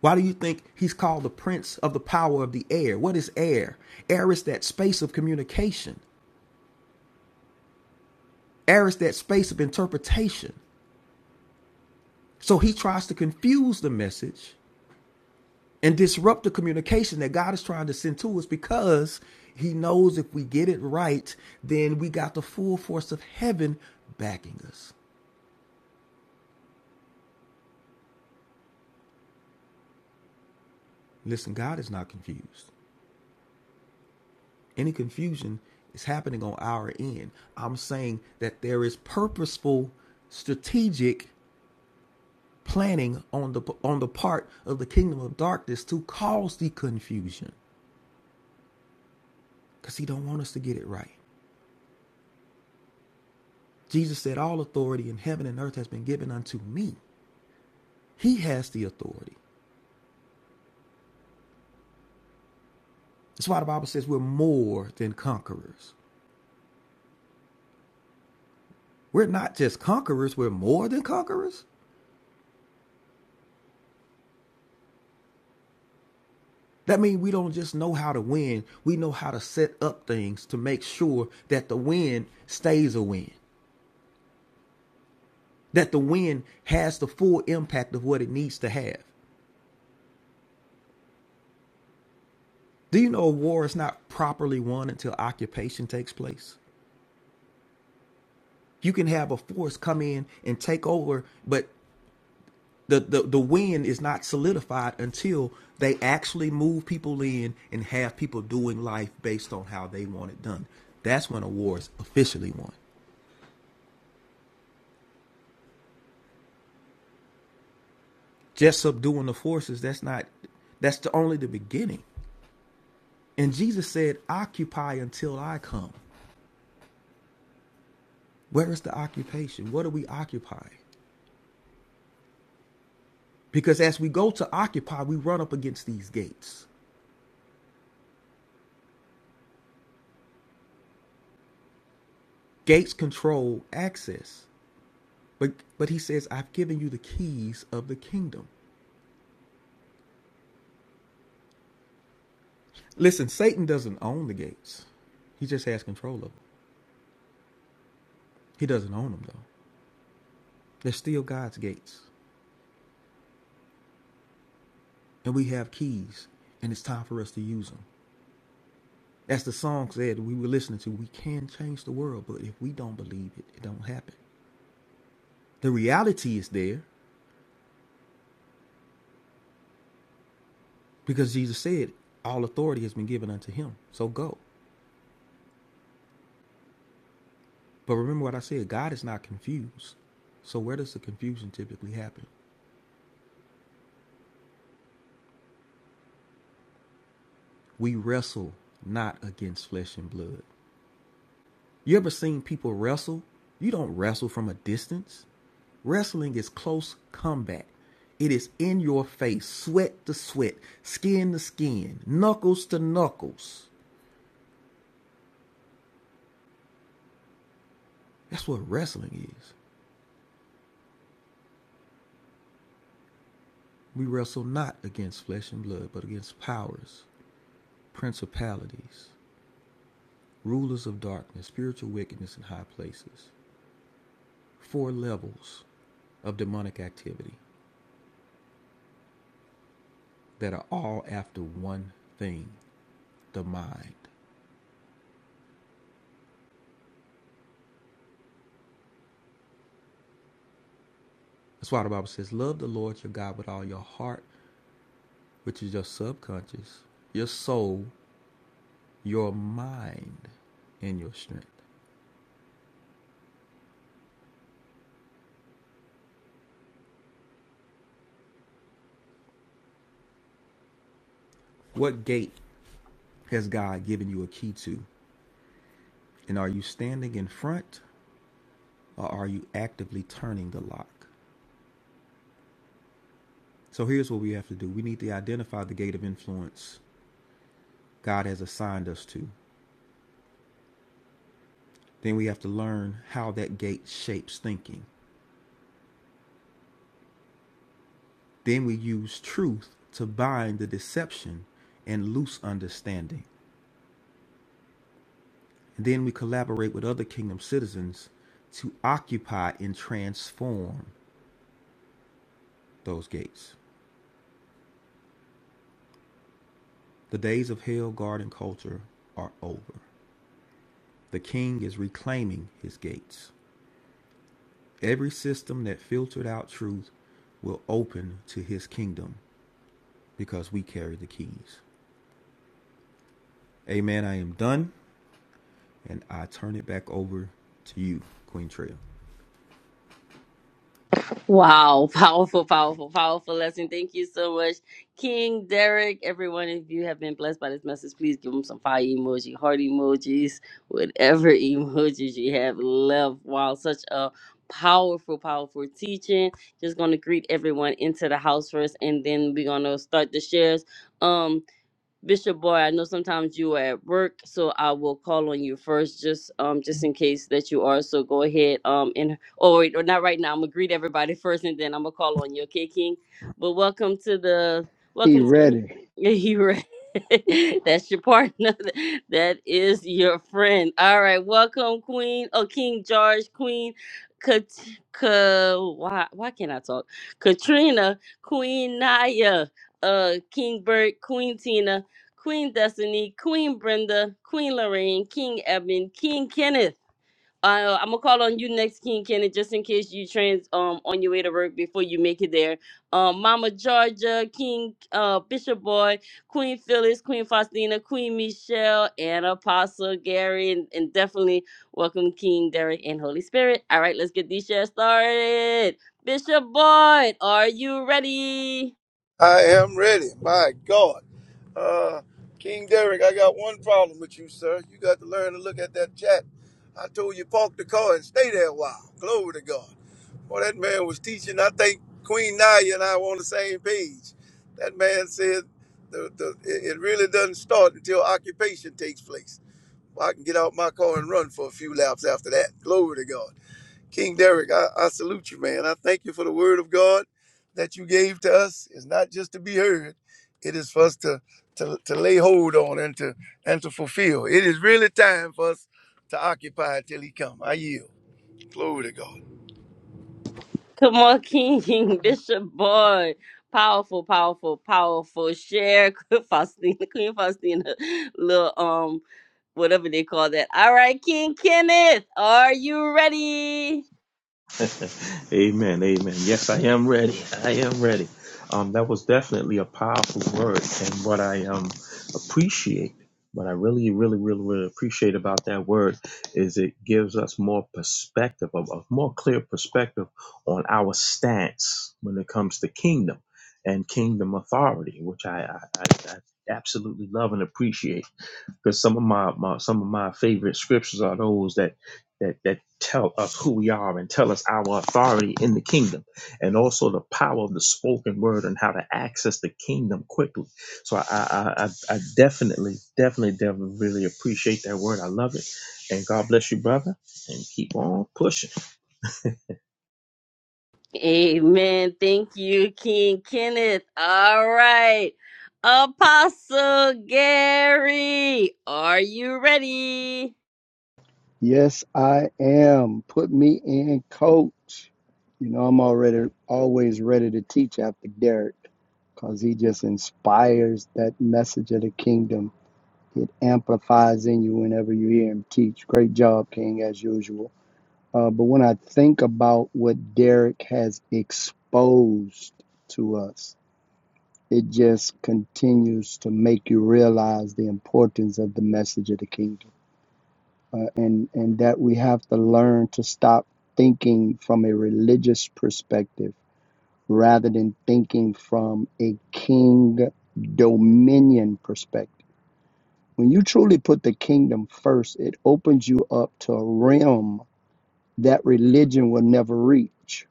[SPEAKER 4] Why do you think he's called the prince of the power of the air? What is air? Air is that space of communication. Air is that space of interpretation. So he tries to confuse the message and disrupt the communication that God is trying to send to us because he knows if we get it right, then we got the full force of heaven backing us. Listen, God is not confused. Any confusion is happening on our end. I'm saying that there is purposeful, strategic planning on the on the part of the kingdom of darkness to cause the confusion because he don't want us to get it right. Jesus said, All authority in heaven and earth has been given unto me. He has the authority. That's why the Bible says we're more than conquerors. We're not just conquerors, we're more than conquerors. That means we don't just know how to win, we know how to set up things to make sure that the win stays a win, that the win has the full impact of what it needs to have. Do you know a war is not properly won until occupation takes place? You can have a force come in and take over, but the, the the win is not solidified until they actually move people in and have people doing life based on how they want it done. That's when a war is officially won. Just subduing the forces, that's not that's the only the beginning. And Jesus said, Occupy until I come. Where is the occupation? What are we occupying? Because as we go to occupy, we run up against these gates. Gates control access. But but he says, I've given you the keys of the kingdom. Listen, Satan doesn't own the gates. He just has control of them. He doesn't own them though. They're still God's gates, and we have keys, and it's time for us to use them. As the song said, we were listening to, we can change the world, but if we don't believe it, it don't happen. The reality is there because Jesus said, all authority has been given unto him. So go. But remember what I said, God is not confused. So where does the confusion typically happen? We wrestle not against flesh and blood, You ever seen people wrestle? You don't wrestle from a distance. Wrestling is close combat. It is in your face, sweat to sweat, skin to skin, knuckles to knuckles. That's what wrestling is. We wrestle not against flesh and blood, but against powers, principalities, rulers of darkness, spiritual wickedness in high places. Four levels of demonic activity that are all after one thing the mind. That's why the Bible says, Love the Lord your God with all your heart, which is your subconscious, your soul, your mind, and your strength. What gate has God given you a key to? And are you standing in front or are you actively turning the lock? So here's what we have to do we need to identify the gate of influence God has assigned us to. Then we have to learn how that gate shapes thinking. Then we use truth to bind the deception and loose understanding. And Then we collaborate with other kingdom citizens to occupy and transform those gates. The days of hell garden culture are over. The king is reclaiming his gates. Every system that filtered out truth will open to his kingdom because we carry the keys. Amen. I am done and I turn it back over to you, Queen Trail.
[SPEAKER 1] Wow, (laughs) powerful, powerful, powerful lesson. Thank you so much, King Derek. Everyone, if you have been blessed by this message, please give them some fire emoji, heart emojis, whatever (laughs) emojis you have left. Wow, such a powerful, powerful teaching. Just gonna greet everyone into the house first, and then we're gonna start the shares. Um, Bishop Boy, I know sometimes you are at work, so I will call on you first, just um, just in case that you are. So go ahead, um, and oh wait, or not right now. I'm gonna greet everybody first, and then I'm gonna call on you, okay, King. But welcome to the
[SPEAKER 5] He
[SPEAKER 1] welcome to
[SPEAKER 5] ready.
[SPEAKER 1] (laughs) yeah, you right. (laughs) That's your partner. (laughs) That is your friend. All right, welcome, Queen. Oh, King George, Queen. Kat, Ka, why why can't I talk? Katrina, Queen Naya, uh King Bert, Queen Tina. Queen Destiny, Queen Brenda, Queen Lorraine, King Eben, King Kenneth. Uh, I'm gonna call on you next, King Kenneth, just in case you trans um on your way to work before you make it there. Um, Mama Georgia, King uh Bishop Boy, Queen Phyllis, Queen Faustina, Queen Michelle, and Apostle Gary, and, and definitely welcome King Derek and Holy Spirit. All right, let's get these shares started. Bishop Boyd, are you ready?
[SPEAKER 3] I am ready. My God. Uh, King Derek, I got one problem with you, sir. You got to learn to look at that chat. I told you park the car and stay there a while. Glory to God. Well, that man was teaching. I think Queen Naya and I were on the same page. That man said the, the, it it really doesn't start until occupation takes place. Well, I can get out my car and run for a few laps after that. Glory to God. King Derek, I, I salute you, man. I thank you for the word of God that you gave to us. It's not just to be heard, it is for us to, to, to lay hold on and to and to fulfill. It is really time for us to occupy till he come. I yield. Glory to God.
[SPEAKER 1] Come on, King, (laughs) Bishop Boy. Powerful, powerful, powerful. Share (laughs) Faustina, Queen Faustina, little um, whatever they call that. All right, King Kenneth, are you ready?
[SPEAKER 6] (laughs) amen. Amen. Yes, I am ready. I am ready. Um, that was definitely a powerful word, and what I um appreciate, what I really, really, really, really appreciate about that word is it gives us more perspective, a, a more clear perspective on our stance when it comes to kingdom and kingdom authority, which I I, I, I absolutely love and appreciate because some of my, my some of my favorite scriptures are those that that that tell us who we are and tell us our authority in the kingdom and also the power of the spoken word and how to access the kingdom quickly so i i i, I definitely definitely definitely really appreciate that word i love it and god bless you brother and keep on pushing
[SPEAKER 1] Amen. Thank you, King Kenneth. All right. Apostle Gary, are you ready?
[SPEAKER 5] Yes, I am. Put me in, coach. You know, I'm already always ready to teach after Derek because he just inspires that message of the kingdom. It amplifies in you whenever you hear him teach. Great job, King, as usual. Uh, but when I think about what Derek has exposed to us, it just continues to make you realize the importance of the message of the kingdom uh, and and that we have to learn to stop thinking from a religious perspective rather than thinking from a king dominion perspective. When you truly put the kingdom first, it opens you up to a realm that religion will never reach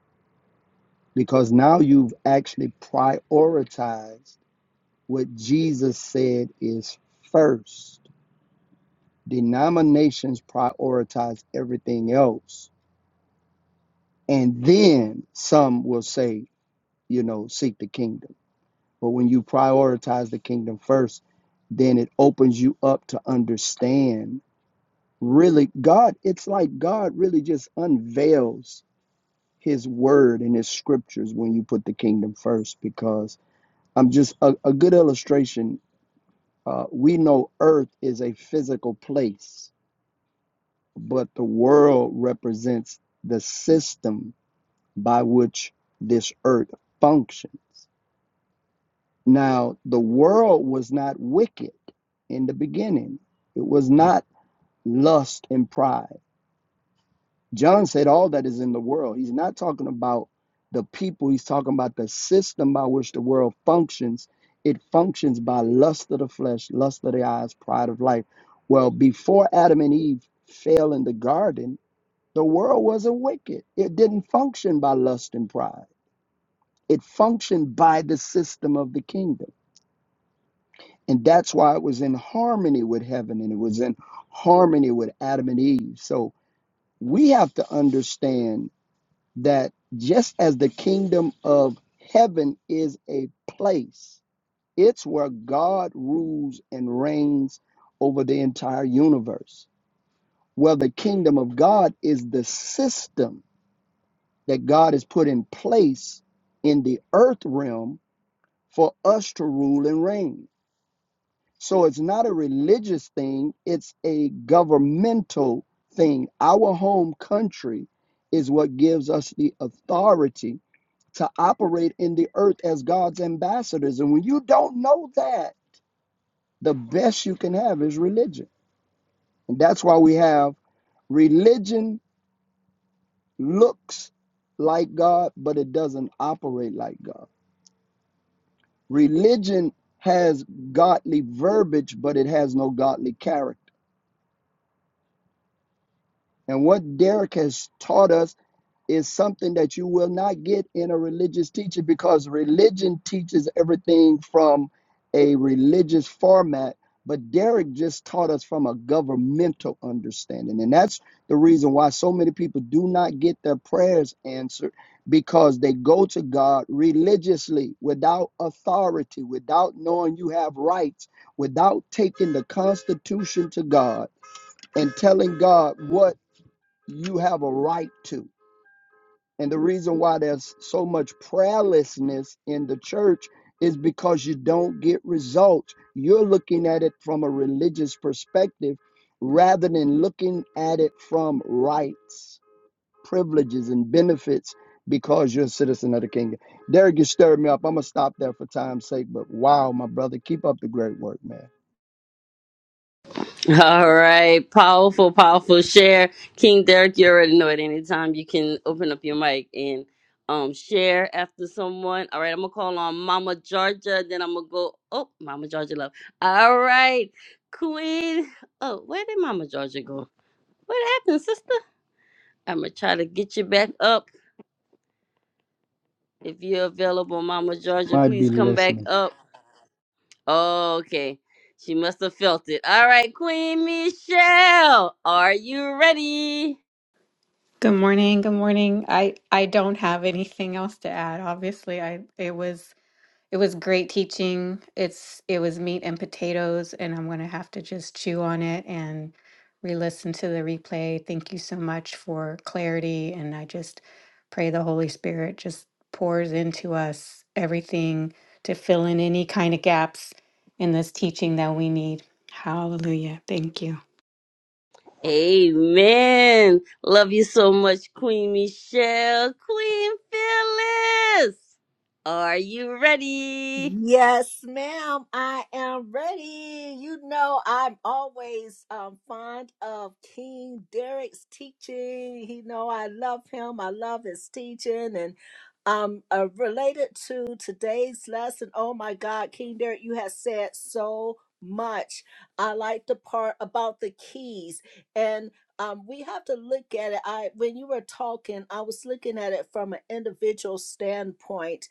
[SPEAKER 5] because now you've actually prioritized what Jesus said is first. Denominations prioritize everything else and then some will say, you know, seek the kingdom. But when you prioritize the kingdom first, then it opens you up to understand really God. It's like God really just unveils his word and his scriptures when you put the kingdom first. Because I'm just a, a good illustration. Uh, we know earth is a physical place, but the world represents the system by which this earth functions Now, the world was not wicked in the beginning, it was not lust and pride. John said, All that is in the world. He's not talking about the people, he's talking about the system by which the world functions. It functions by lust of the flesh, lust of the eyes, pride of life. Well, before Adam and Eve fell in the garden, the world wasn't wicked. It didn't function by lust and pride. It functioned by the system of the kingdom. And that's why it was in harmony with heaven and it was in harmony with Adam and Eve. So we have to understand that just as the kingdom of heaven is a place, it's where God rules and reigns over the entire universe. Well, the kingdom of God is the system that God has put in place in the earth realm for us to rule and reign. So it's not a religious thing, it's a governmental thing. Our home country is what gives us the authority to operate in the earth as God's ambassadors. And when you don't know that, the best you can have is religion. And that's why we have religion looks like God, but it doesn't operate like God. Religion has godly verbiage, but it has no godly character. And what Derek has taught us is something that you will not get in a religious teacher because religion teaches everything from a religious format. But Derek just taught us from a governmental understanding. And that's the reason why so many people do not get their prayers answered because they go to God religiously without authority, without knowing you have rights, without taking the Constitution to God and telling God what you have a right to. And the reason why there's so much prayerlessness in the church is because you don't get results. You're looking at it from a religious perspective rather than looking at it from rights, privileges, and benefits because you're a citizen of the kingdom. Derek, you stirred me up. I'm going to stop there for time's sake, but wow, my brother, keep up the great work, man.
[SPEAKER 1] (laughs) All right. Powerful, powerful share. King Derek, you already know it. Anytime you can open up your mic and um share after someone. All right, I'm gonna call on Mama Georgia, then I'm gonna go oh Mama Georgia love. All right, Queen. Oh, where did Mama Georgia go? What happened, sister? I'm gonna try to get you back up. If you're available, Mama Georgia,
[SPEAKER 5] Might be
[SPEAKER 1] please come back
[SPEAKER 5] listening.
[SPEAKER 1] up. Okay. She must have felt it. All right, Queen Michelle, are you ready?
[SPEAKER 7] Good morning. Good morning. I I don't have anything else to add. Obviously, I it was it was great teaching. It's it was meat and potatoes, and I'm gonna have to just chew on it and re-listen to the replay. Thank you so much for clarity, and I just pray the Holy Spirit just pours into us everything to fill in any kind of gaps in this teaching that we need. Hallelujah. Thank you.
[SPEAKER 1] Amen. Love you so much, Queen Michelle. Queen Phyllis. Are you ready?
[SPEAKER 8] Yes, ma'am. I am ready. You know, I'm always um, fond of King Derek's teaching. You know, I love him. I love his teaching. And um, uh, related to today's lesson, oh my God, King Derek, you have said so much. I like the part about the keys. And um, we have to look at it. I when you were talking, I was looking at it from an individual standpoint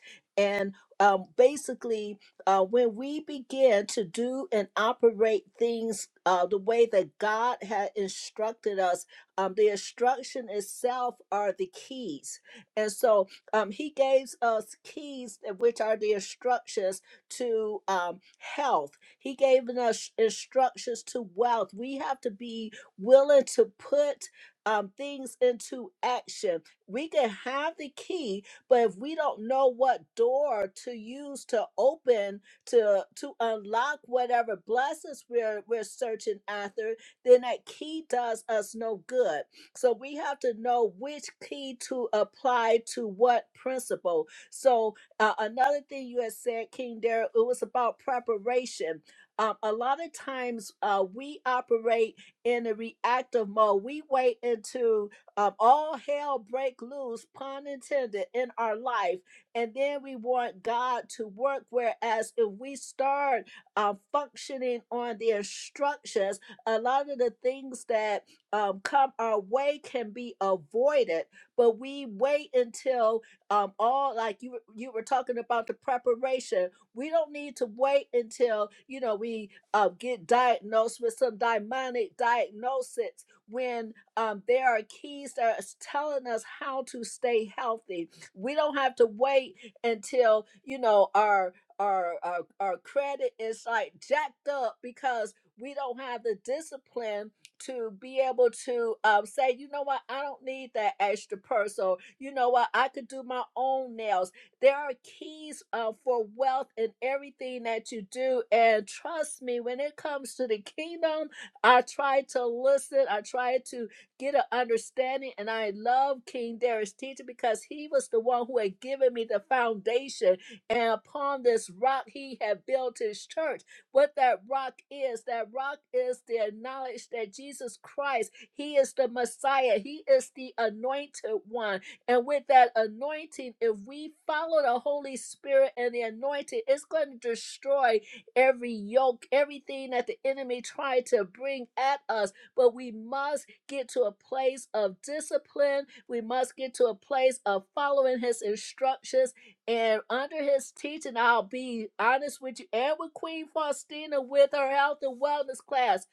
[SPEAKER 8] um, basically, uh, when we begin to do and operate things uh, the way that God had instructed us, um, the instruction itself are the keys. And so um, He gave us keys, that- which are the instructions to um, health. He gave us instructions to wealth. We have to be willing to put um, things into action. We can have the keys but if we don't know what door to use to open to to unlock whatever blessings we're we're searching after, then that key does us no good. So we have to know which key to apply to what principle. So uh, another thing you had said, King Darrell, it was about preparation. Um, a lot of times uh, we operate in a reactive mode. We wait until um, all hell break loose, pun intended, in our life. And then we want God to work. Whereas if we start uh, functioning on the instructions, a lot of the things that um, come our way can be avoided. But we wait until um, all, like you you were talking about the preparation. We don't need to wait until you know we uh, get diagnosed with some demonic diagnosis when um, there are keys that are telling us how to stay healthy. We don't have to wait until you know our our our, our credit is like jacked up because we don't have the discipline to be able to um, say, you know what, I don't need that extra purse, or you know what, I could do my own nails. There are keys uh, for wealth in everything that you do, and trust me, when it comes to the kingdom, I try to listen. I try to get an understanding. And I love King Darius' teaching because he was the one who had given me the foundation. And upon this rock, he had built his church. What that rock is, that rock is the knowledge that Jesus Christ, he is the Messiah, he is the anointed one. And with that anointing, if we follow the Holy Spirit and the anointing, it's going to destroy every yoke, everything that the enemy tried to bring at us but we must get to a place of discipline. We must get to a place of following his instructions and under his teaching. I'll be honest with you and with Queen Faustina with her health and wellness class.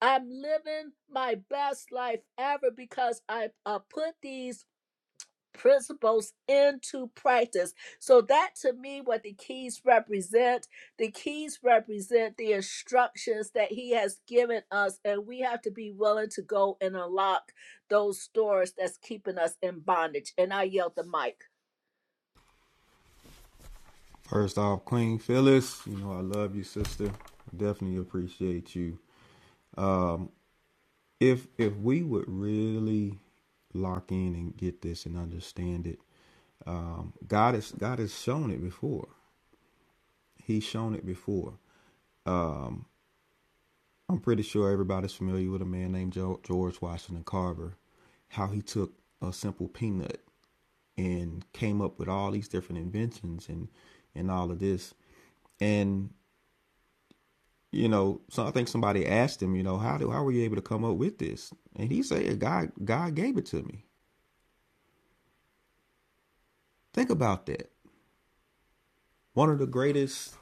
[SPEAKER 8] I'm living my best life ever because I, I put these principles into practice. So that to me what the keys represent, the keys represent the instructions that he has given us and we have to be willing to go and unlock those doors that's keeping us in bondage. And I yelled the mic.
[SPEAKER 4] First off, Queen Phyllis, you know I love you, sister. Definitely appreciate you if if we would really lock in and get this and understand it um, god has god has shown it before he's shown it before i'm pretty sure everybody's familiar with a man named george washington carver how he took a simple peanut and came up with all these different inventions and and all of this and you know so i think somebody asked him you know how do how were you able to come up with this and he said god god gave it to me think about that one of the greatest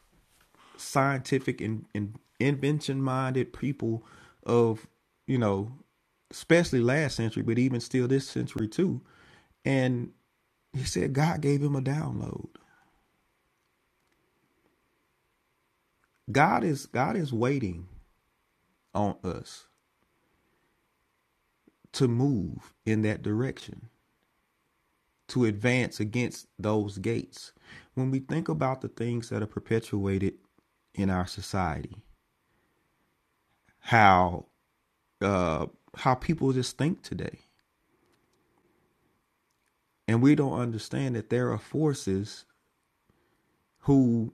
[SPEAKER 4] scientific and, and invention minded people of, you know, especially last century, but even still this century too. And he said God gave him a download. God is God is waiting on us to move in that direction, to advance against those gates. When we think about the things that are perpetuated in our society, how uh, how people just think today, And we don't understand that there are forces who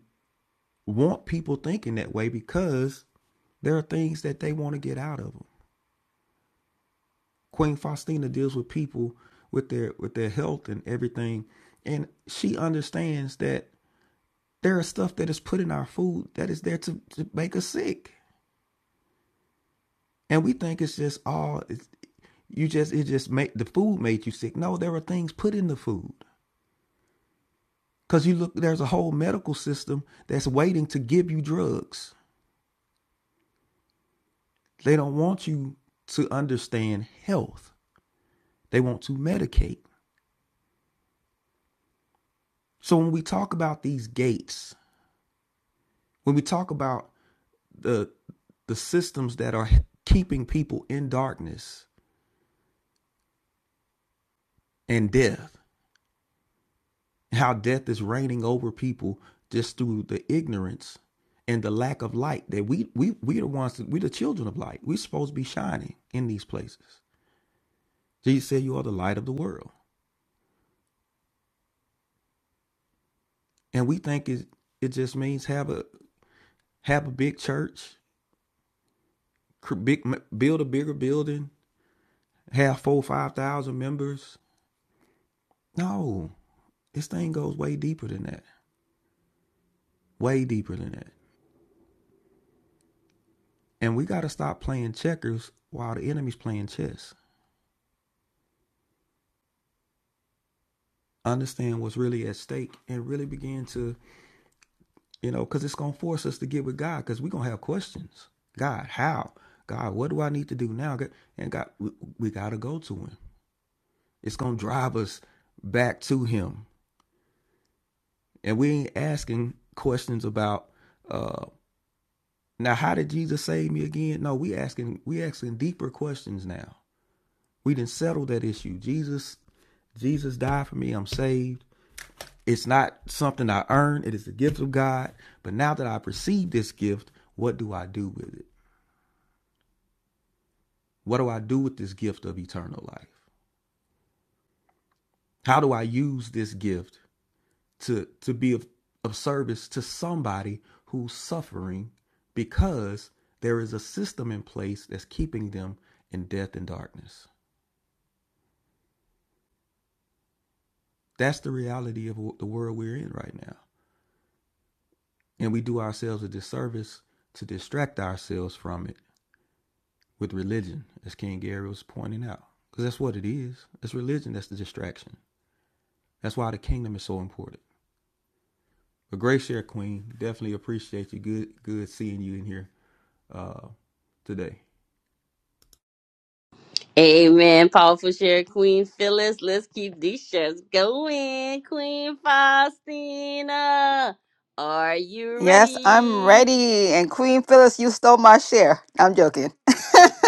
[SPEAKER 4] want people thinking that way because there are things that they want to get out of them. Queen Faustina deals with people with their with their health and everything, and she understands that there is stuff that is put in our food that is there to, to make us sick, and we think it's just all it's, you just it just make the food made you sick. No, there are things put in the food because you look there's a whole medical system that's waiting to give you drugs They don't want you to understand health. They want to medicate. So when we talk about these gates, when we talk about the the systems that are keeping people in darkness and death, how death is reigning over people just through the ignorance and the lack of light that we we we are the ones that we the children of light. We're supposed to be shining in these places. Jesus said you are the light of the world. And we think it it just means have a have a big church big build a bigger building, have four five thousand members. No, this thing goes way deeper than that. Way deeper than that. And we got to stop playing checkers while the enemy's playing chess. Understand what's really at stake and really begin to, you know, because it's going to force us to get with God because we're going to have questions. God, how? God, what do I need to do now? And God, we, we got to go to Him. It's going to drive us back to Him. And we ain't asking questions about uh, Now, how did Jesus save me again? No, we asking we asking deeper questions now. We didn't settle that issue. Jesus, Jesus died for me. I'm saved. It's not something I earn. It is the gift of God. But now that I perceive this gift, what do I do with it? What do I do with this gift of eternal life? How do I use this gift to to be of, of service to somebody who's suffering because there is a system in place that's keeping them in death and darkness? That's the reality of the world we're in right now. And we do ourselves a disservice to distract ourselves from it with religion, as King Gary was pointing out. Because that's what it is. It's religion that's the distraction. That's why the kingdom is so important. But great share, Queen. Definitely appreciate you. Good, good seeing you in here uh, today.
[SPEAKER 1] Amen. Powerful share, Queen Phyllis. Let's keep these shares going. Queen Faustina. Are you
[SPEAKER 2] Yes, I'm
[SPEAKER 1] ready?
[SPEAKER 2] ready. And Queen Phyllis, you stole my share. I'm joking. (laughs)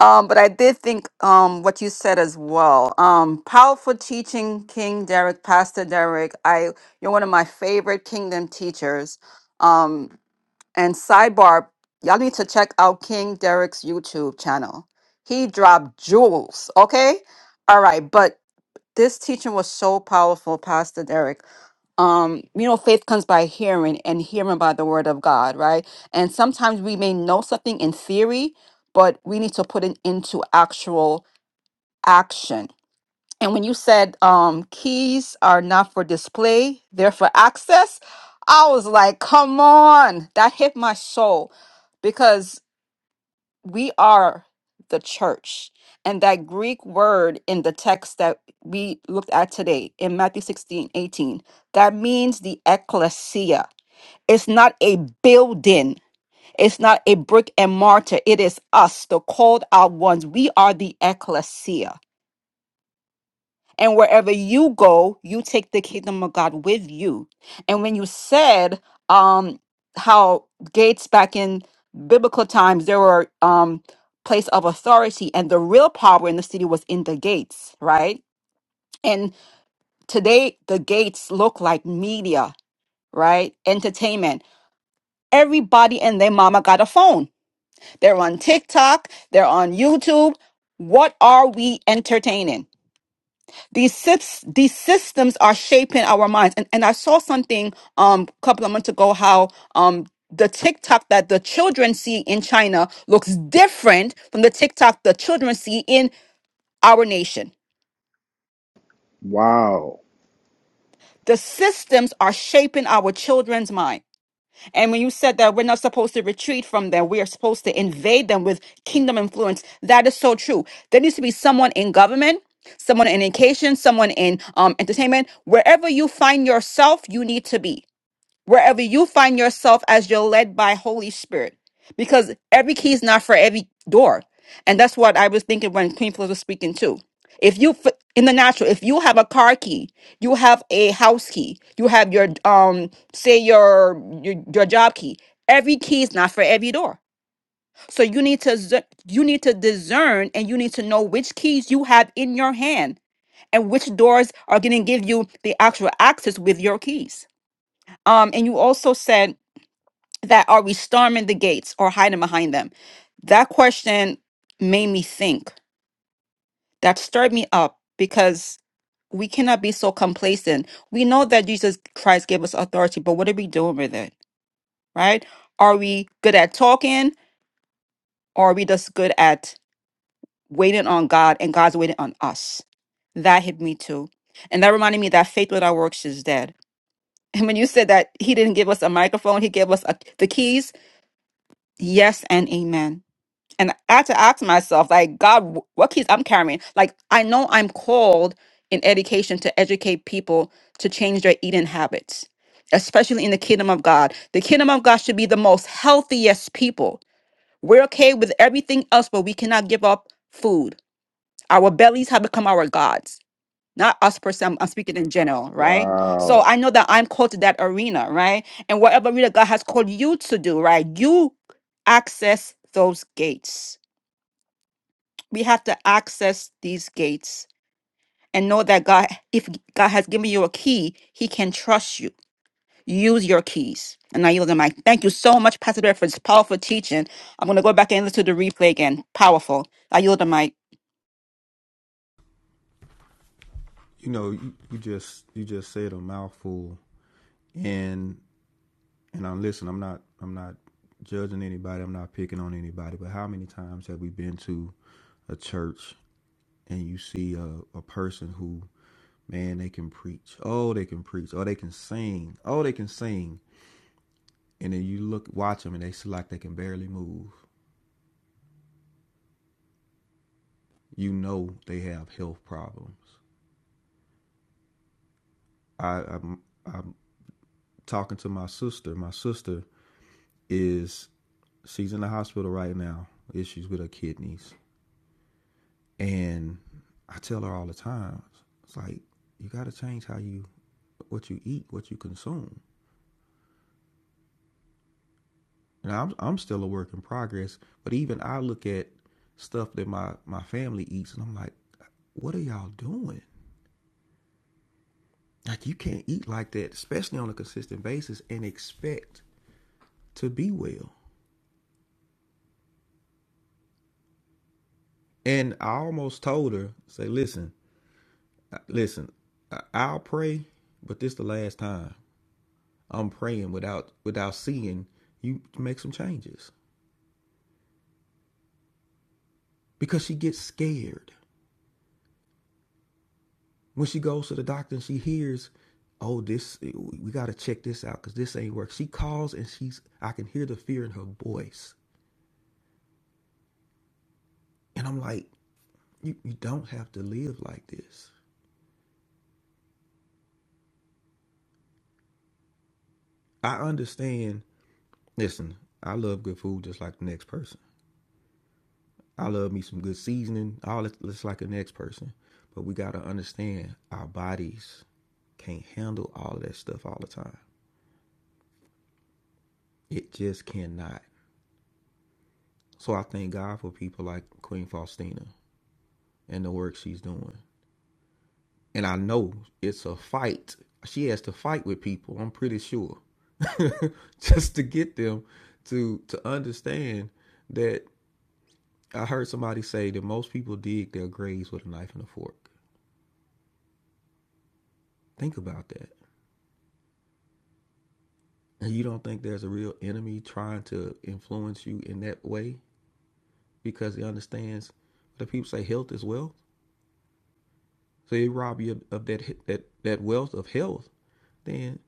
[SPEAKER 2] um, but I did think um what you said as well. Um, powerful teaching, King Derek, Pastor Derek. I you're one of my favorite kingdom teachers. Um, and sidebar, y'all need to check out King Derek's YouTube channel. He dropped jewels, okay? All right, but this teaching was so powerful, Pastor Derek um you know faith comes by hearing and hearing by the word of god right and sometimes we may know something in theory but we need to put it into actual action and when you said um keys are not for display they're for access i was like come on that hit my soul because we are the church. And that Greek word in the text that we looked at today in Matthew 16 18 that means the ecclesia. It's not a building, it's not a brick and mortar. It is us, the called out ones. We are the ecclesia. And wherever you go, you take the kingdom of God with you. And when you said um how gates back in biblical times there were um place of authority and the real power in the city was in the gates, right? And today the gates look like media, right? Entertainment. Everybody and their mama got a phone. They're on TikTok, they're on YouTube. What are we entertaining? these sys- these systems are shaping our minds and and i saw something um a couple of months ago how um the TikTok that the children see in China looks different from the TikTok the children see in our nation.
[SPEAKER 5] Wow.
[SPEAKER 2] The systems are shaping our children's mind. And when you said that we're not supposed to retreat from them, we are supposed to invade them with kingdom influence, that is so true. There needs to be someone in government someone in education, someone in um, entertainment, wherever you find yourself, you need to be. wherever you find yourself as you're led by Holy Spirit. Because every key is not for every door. And that's what I was thinking when Queen Phyllis was speaking too. If you f- in the natural, if you have a car key, you have a house key, you have your um say your your, your job key. Every key is not for every door. So you need to z- you need to discern and you need to know which keys you have in your hand and which doors are going to give you the actual access with your keys. Um and you also said that are we storming the gates or hiding behind them? That question made me think. That stirred me up because we cannot be so complacent. We know that Jesus Christ gave us authority, but what are we doing with it? Right? Are we good at talking or are we just good at waiting on God and God's waiting on us? That hit me too. And that reminded me that faith without works is dead. (laughs) And when you said that he didn't give us a microphone, he gave us a, the keys, yes and amen and I had to ask myself, like, God, wh- what keys I'm carrying? Like, I know I'm called in education to educate people to change their eating habits, especially in the kingdom of God. The kingdom of God should be the most healthiest people. We're okay with everything else, but we cannot give up food. Our bellies have become our gods. Not us per se, I'm I'm speaking in general, right? So
[SPEAKER 5] Wow.
[SPEAKER 2] I know that I'm called to that arena, right? And whatever arena God has called you to do, right? You access those gates we have to access these gates and know that God, if God has given you a key, He can trust you. Use your keys. And I yield the mic. Thank you so much, Pastor Bear, for this powerful teaching. I'm going to go back and listen to the replay again. Powerful. I yield the mic.
[SPEAKER 4] You know, you, you just you just said a mouthful, and and I'm listen, I'm not I'm not judging anybody, I'm not picking on anybody, but how many times have we been to a church and you see a, a person who, man, they can preach. Oh, they can preach. Oh, they can sing. Oh, they can sing. And then you look watch them and they seem like they can barely move. You know they have health problems. I, I'm I'm talking to my sister. My sister is she's in the hospital right now, issues with her kidneys And I tell her all the time, it's like you got to change how you what you eat, what you consume. And I'm I'm still a work in progress, but even I look at stuff that my my family eats, and I'm like, what are y'all doing? Like you can't eat like that, especially on a consistent basis, and expect to be well. And I almost told her, say, listen, uh, listen, I'll pray, but this the last time I'm praying without without seeing you make some changes. because she gets scared when she goes to the doctor and she hears oh this we got to check this out because this ain't work she calls and she's i can hear the fear in her voice and i'm like you, you don't have to live like this i understand listen i love good food just like the next person i love me some good seasoning all that just like the next person but we got to understand our bodies can't handle all of that stuff all the time it just cannot so i thank god for people like queen faustina in the work she's doing. And I know it's a fight. She has to fight with people, I'm pretty sure. (laughs) Just to get them to to understand that I heard somebody say that most people dig their graves with a knife and a fork. Think about that. And you don't think there's a real enemy trying to influence you in that way because he understands the people say health is wealth. So they rob you of that that that wealth of health then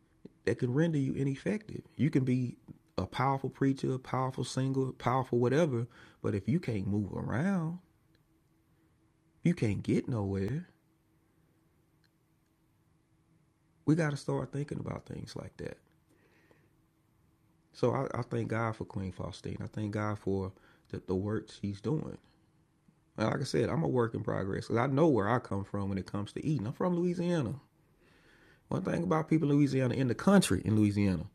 [SPEAKER 4] that could render you ineffective. You can be a powerful preacher, a powerful singer, powerful whatever, but if you can't move around, you can't get nowhere. We got to start thinking about things like that. So I, I thank God for Queen Faustine. I thank God for the, the work she's doing. And like I said, I'm a work in progress. Cause I know where I come from when it comes to eating. I'm from Louisiana. One thing about people in Louisiana, in the country in Louisiana,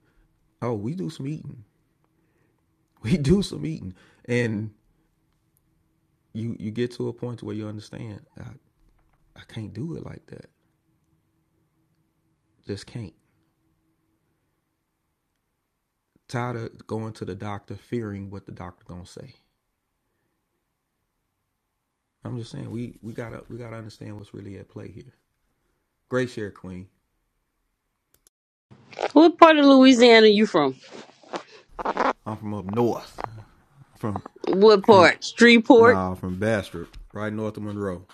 [SPEAKER 4] oh, we do some eating. (laughs) We do some eating. and. you you get to a point where you understand I, I can't do it like that. Just can't. Tired of going to the doctor fearing what the doctor gonna say. I'm just saying we we gotta we gotta understand what's really at play here. Great share queen.
[SPEAKER 1] What part of Louisiana you from?
[SPEAKER 4] I'm from up north. From
[SPEAKER 1] What
[SPEAKER 4] from
[SPEAKER 1] part? Streetport?
[SPEAKER 4] nah from Bastrop, right north of Monroe.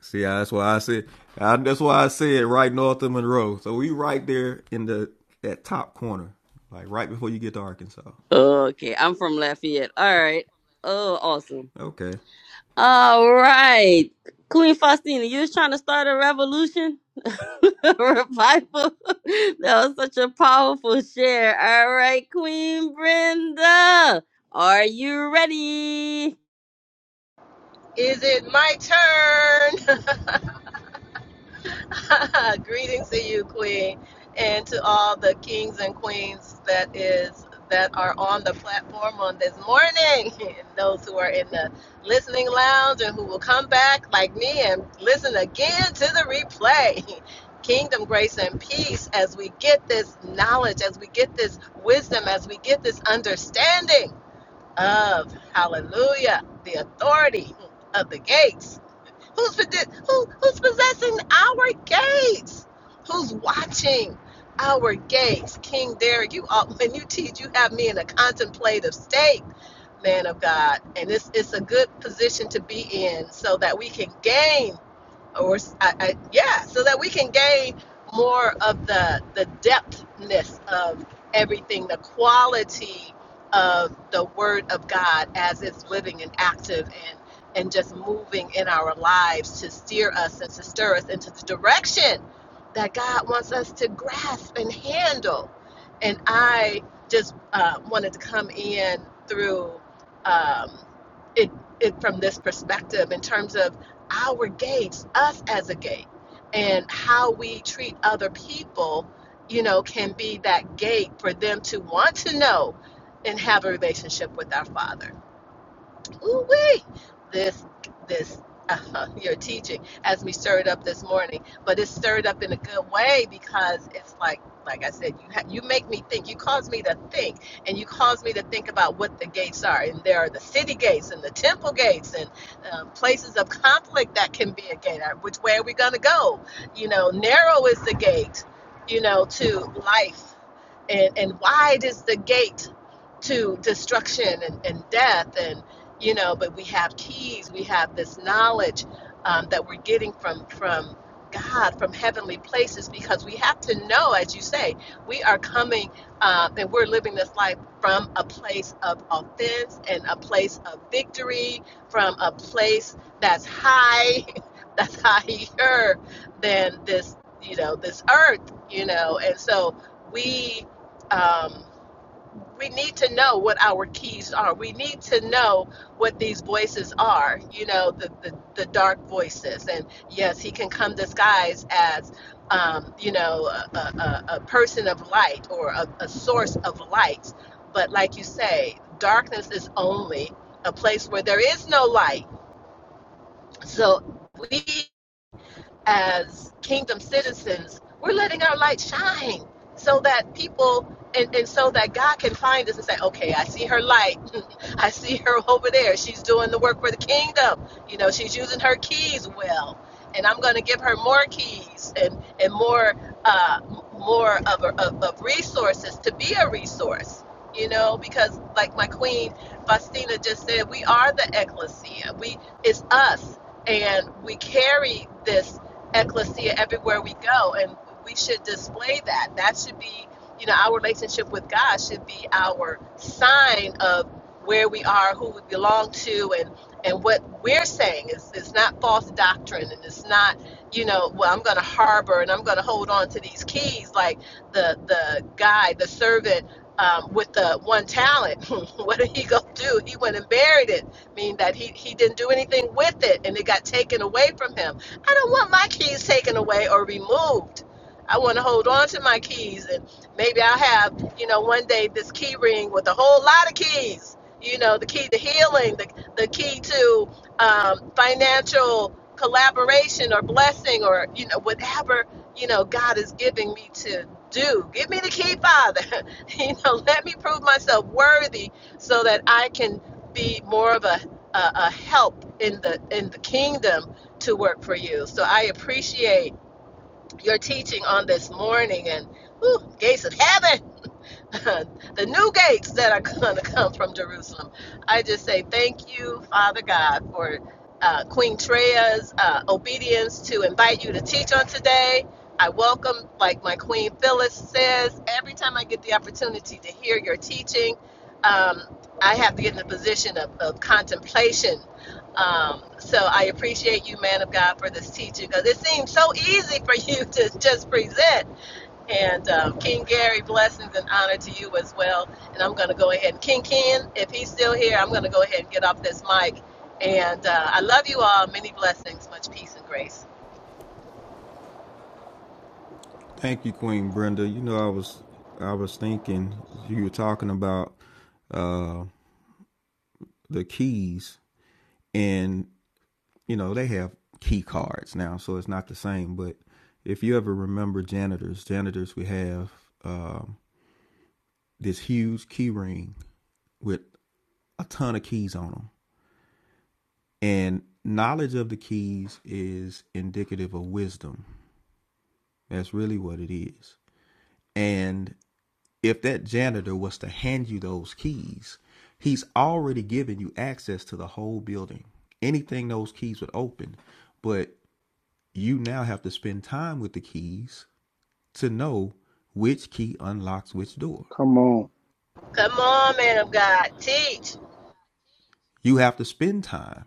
[SPEAKER 4] See, that's why I said I, that's why I said right north of Monroe. So we right there in the that top corner, like right before you get to Arkansas.
[SPEAKER 1] Okay, I'm from Lafayette. All right. Oh, awesome.
[SPEAKER 4] Okay.
[SPEAKER 1] All right. Queen Faustina, you was trying to start a revolution? (laughs) A Revival. (laughs) that was such a powerful share. All right, Queen Brenda. Are you ready?
[SPEAKER 9] Is it my turn? (laughs) Greetings to you, Queen, and to all the kings and queens that is that are on the platform on this morning, (laughs) and those who are in the listening lounge and who will come back like me and listen again to the replay. (laughs) Kingdom, grace, and peace as we get this knowledge, as we get this wisdom, as we get this understanding of hallelujah, the authority of the gates Who's who, who's possessing our gates? Who's watching our gates? King Derek, you all, (laughs) when you teach, you have me in a contemplative state, man of God, and it's it's a good position to be in so that we can gain or s- I, I- yeah, so that we can gain more of the the depthness of everything, the quality of the Word of God as it's living and active and and just moving in our lives to steer us and to stir us into the direction that God wants us to grasp and handle. And I just uh, wanted to come in through um, it, it from this perspective in terms of our gates, us as a gate, and how we treat other people, you know, can be that gate for them to want to know and have a relationship with our Father. Ooh wee! This this uh, (laughs) your teaching has me stirred up this morning, but it's stirred up in a good way because it's like like I said, you ha- you make me think. You cause me to think, and you cause me to think about what the gates are. And there are the city gates and the temple gates and um, places of conflict that can be a gate. Uh, Which way are we going to go? You know, narrow is the gate. You know, to life and, and wide is the gate to destruction and, and death and you know but we have keys we have this knowledge um, that we're getting from from god from heavenly places because we have to know as you say we are coming uh, and we're living this life from a place of offense and a place of victory from a place that's high (laughs) that's higher than this you know this earth you know and so we um, we need to know what our keys are. We need to know what these voices are, you know, the, the, the dark voices. And yes, he can come disguised as, um, you know, a, a, a person of light or a, a source of light. But like you say, darkness is only a place where there is no light. So we as kingdom citizens, we're letting our light shine so that people and, and so that God can find us and say, okay, I see her light. (laughs) I see her over there. She's doing the work for the kingdom. You know, she's using her keys well. And I'm going to give her more keys and, and more uh, more of, a, of, of resources to be a resource. You know, because like my queen Faustina just said, we are the ecclesia. We it's us and we carry this ecclesia everywhere we go and we should display that that should be you know our relationship with god should be our sign of where we are who we belong to and and what we're saying is it's not false doctrine and it's not you know well i'm going to harbor and i'm going to hold on to these keys like the the guy the servant um, with the one talent (laughs) what did he go do he went and buried it meaning that he he didn't do anything with it and it got taken away from him I don't want my keys taken away or removed. I want to hold on to my keys and maybe I'll have, you know, one day this key ring with a whole lot of keys. You know, the key to healing, the, the key to um, financial collaboration or blessing or, you know, whatever, you know, God is giving me to do. Give me the key, Father. (laughs) you know, let me prove myself worthy so that I can be more of a, a, a help in the in the kingdom to work for you. So I appreciate your teaching on this morning and ooh, gates of heaven (laughs) the new gates that are going to (laughs) come from Jerusalem. I just say thank you, Father God, for uh, Queen Treya's uh, obedience to invite you to teach on today. I welcome, like my Queen Phyllis says, every time I get the opportunity to hear your teaching, um, I have to get in the position of, of contemplation. Um, so I appreciate you, man of God, for this teaching because it seems so easy for you (laughs) to just present and um, King Gary, blessings and honor to you as well. And I'm going to go ahead and King Ken, if he's still here, I'm going to go ahead and get off this mic. And uh, I love you all. Many blessings, much peace and grace.
[SPEAKER 4] Thank you, Queen Brenda. You know, I was I was thinking you were talking about uh the keys and you know, they have key cards now, so it's not the same, but if you ever remember janitors, janitors we have um this huge key ring with a ton of keys on them. And knowledge of the keys is indicative of wisdom. That's really what it is. And if that janitor was to hand you those keys, he's already given you access to the whole building. Anything those keys would open, but you now have to spend time with the keys to know which key unlocks which door.
[SPEAKER 5] Come on.
[SPEAKER 9] Come on, man of God, teach.
[SPEAKER 4] You have to spend time.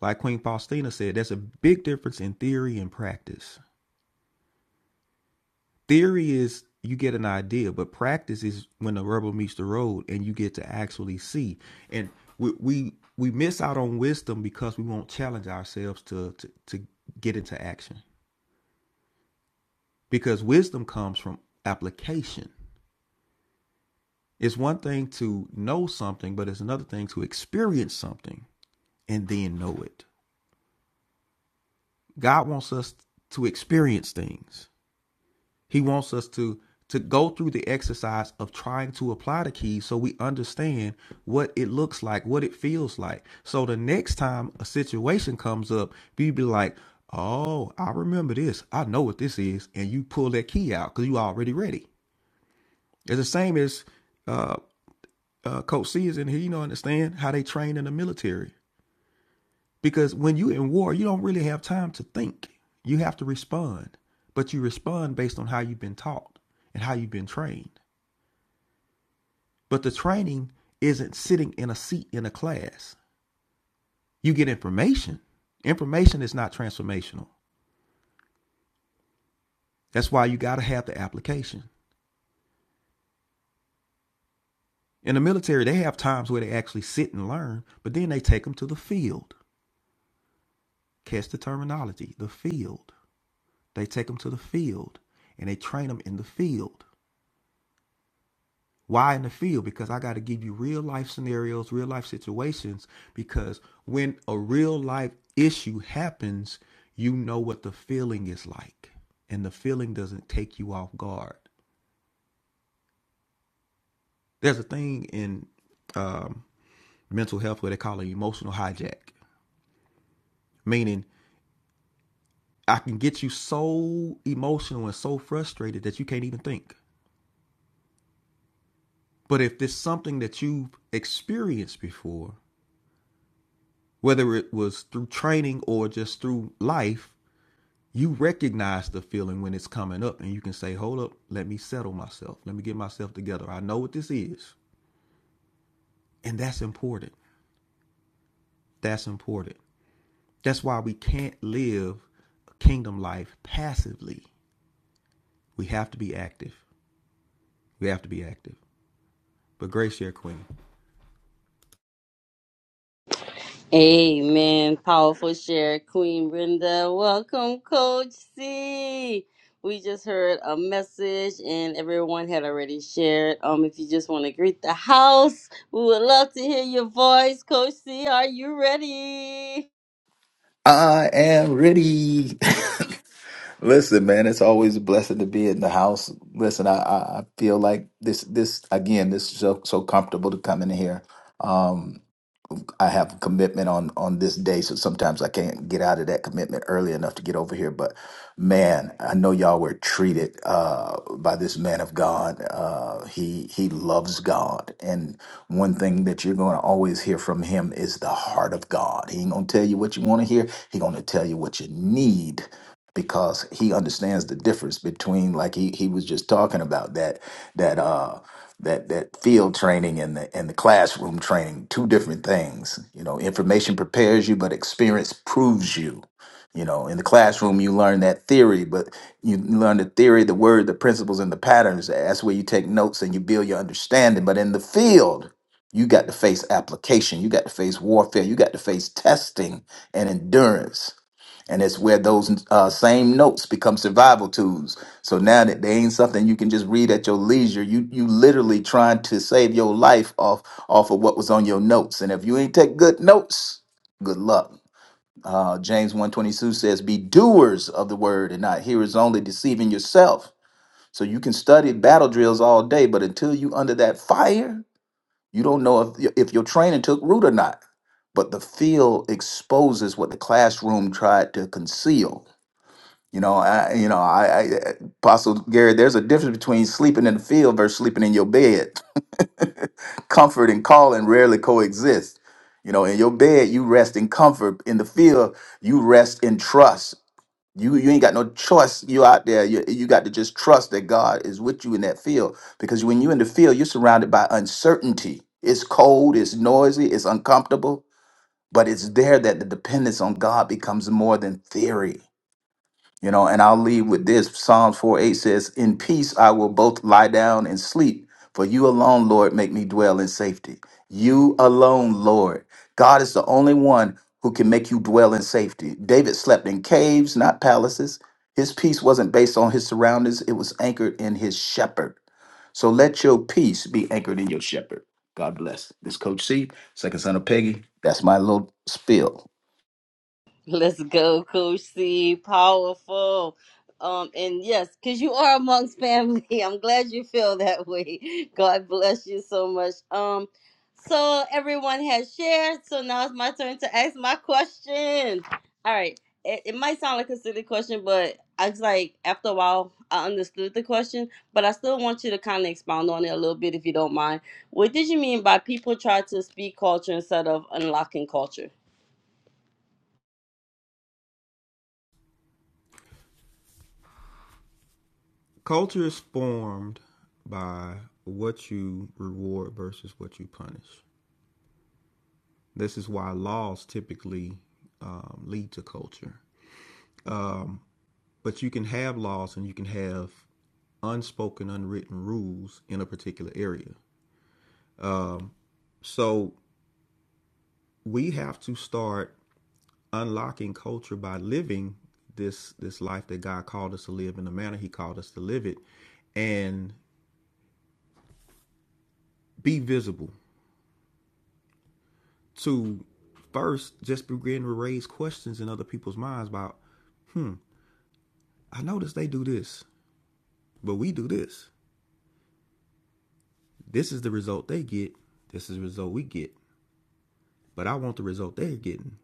[SPEAKER 4] Like Queen Faustina said, there's a big difference in theory and practice. Theory is you get an idea, but practice is when the rubber meets the road and you get to actually see. And we we, we miss out on wisdom because we won't challenge ourselves to, to to get into action. Because wisdom comes from application. It's one thing to know something, but it's another thing to experience something and then know it. God wants us to experience things. He wants us to to go through the exercise of trying to apply the keys so we understand what it looks like, what it feels like. So the next time a situation comes up, you be like, "Oh, I remember this. I know what this is," and you pull that key out because you already ready. It's the same as uh, uh, Coach C is in here. You know, understand how they train in the military because when you in war, you don't really have time to think. You have to respond, but you respond based on how you've been taught and how you've been trained. But the training isn't sitting in a seat in a class. You get information. Information is not transformational. That's why you got to have the application. In the military, they have times where they actually sit and learn, but then they take them to the field. Catch the terminology the field. They take them to the field and they train them in the field. Why in the field? Because I got to give you real life scenarios, real life situations. Because when a real life issue happens, you know what the feeling is like, and the feeling doesn't take you off guard. There's a thing in um, mental health where they call it emotional hijack, meaning I can get you so emotional and so frustrated that you can't even think. But if it's something that you've experienced before, whether it was through training or just through life, you recognize the feeling when it's coming up and you can say hold up let me settle myself let me get myself together i know what this is and that's important that's important that's why we can't live a kingdom life passively we have to be active we have to be active but grace share queen
[SPEAKER 1] Amen. Powerful share, Queen Brenda. Welcome, Coach C. We just heard a message and everyone had already shared. Um, if you just want to greet the house, we would love to hear your voice. Coach C, are you ready?
[SPEAKER 10] I am ready. (laughs) Listen, man, it's always a blessing to be in the house. Listen, I, I I feel like this this again, this is so so comfortable to come in here. Um, I have a commitment on on this day, so sometimes I can't get out of that commitment early enough to get over here. But man, I know y'all were treated uh, by this man of God. Uh, he he loves God, and one thing that you're going to always hear from him is the heart of God. He ain't gonna tell you what you want to hear. He gonna tell you what you need because he understands the difference between like he he was just talking about that that. uh that that field training and the and the classroom training two different things you know information prepares you but experience proves you you know in the classroom you learn that theory but you learn the theory the word the principles and the patterns that's where you take notes and you build your understanding but in the field you got to face application you got to face warfare you got to face testing and endurance and it's where those uh, same notes become survival tools. So now that they ain't something you can just read at your leisure, you you literally trying to save your life off off of what was on your notes. And if you ain't take good notes, good luck. Uh, James one twenty two says, "Be doers of the word and not hearers only, deceiving yourself." So you can study battle drills all day, but until you under that fire, you don't know if y- if your training took root or not. But the field exposes what the classroom tried to conceal. You know, I, you know, I, I, Apostle Gary, there's a difference between sleeping in the field versus sleeping in your bed. (laughs) comfort and calling rarely coexist. You know, in your bed, you rest in comfort. In the field, you rest in trust. You, you ain't got no choice. You out there, you, you got to just trust that God is with you in that field. Because when you in the field, you're surrounded by uncertainty. It's cold, it's noisy, it's uncomfortable, but it's there that the dependence on God becomes more than theory you know, and I'll leave with this. Psalms 4 8 says, In peace I will both lie down and sleep, for you alone, Lord, make me dwell in safety. You alone, Lord. God is the only one who can make you dwell in safety. David slept in caves, not palaces. His peace wasn't based on his surroundings, it was anchored in his shepherd. So let your peace be anchored in your shepherd. God bless. This Coach C, second son of Peggy. That's my little spill.
[SPEAKER 1] Let's go, Coach C. Powerful. Um, and yes, because you are amongst family. (laughs) I'm glad you feel that way. God bless you so much. Um, so everyone has shared. So now it's my turn to ask my question. All right. It, it might sound like a silly question, but I was like, after a while, I understood the question, but I still want you to kind of expound on it a little bit if you don't mind. What did you mean by people try to speak culture instead of unlocking culture?
[SPEAKER 4] culture is formed by what you reward versus what you punish this is why laws typically um, lead to culture But you can have laws and you can have unspoken, unwritten rules in a particular area. So we have to start unlocking culture by living this this life that God called us to live in the manner He called us to live it, and be visible. To first, just begin to raise questions in other people's minds about. I notice they do this, but we do this. This is the result they get. This is the result we get. But I want the result they're getting.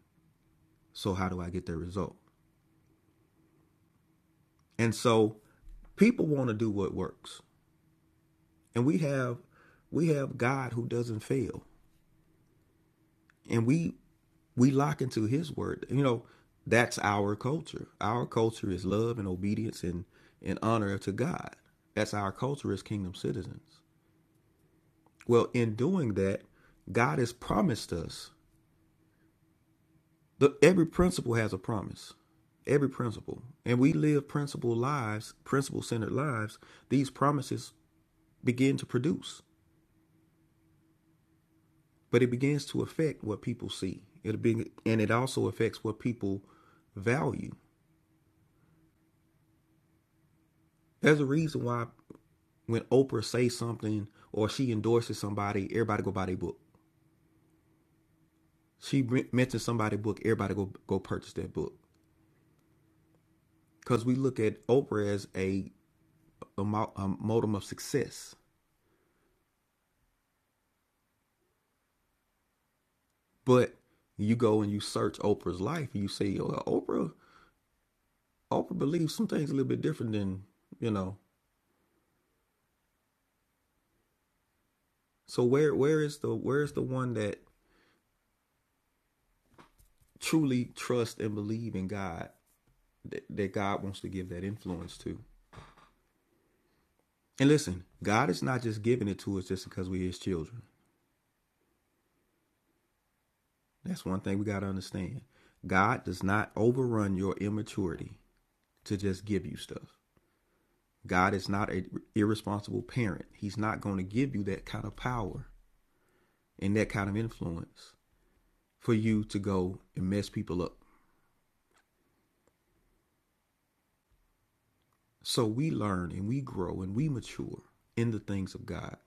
[SPEAKER 4] So how do I get their result? And so people want to do what works. And we have we have God who doesn't fail. And we we lock into his word. You know, that's our culture. Our culture is love and obedience and, and honor to God. That's our culture as kingdom citizens. Well, in doing that, God has promised us. The, every principle has a promise. Every principle. And we live principle lives, principle centered lives. These promises begin to produce. but it begins to affect what people see. It'll be, and it also affects what people value. There's a reason why when Oprah says something or she endorses somebody, everybody go buy their book. She mentions somebody's book, everybody go go purchase that book. Because we look at Oprah as a, a, mo- a modem of success. But you go and you search Oprah's life, you say, oh, Oprah, Oprah believes some things a little bit different than you know. So where where is the where is the one that truly trust and believe in God that, that God wants to give that influence to. And listen, God is not just giving it to us just because we're His children. That's one thing we got to understand. God does not overrun your immaturity to just give you stuff. God is not an irresponsible parent. He's not going to give you that kind of power and that kind of influence for you to go and mess people up. So we learn and we grow and we mature in the things of God.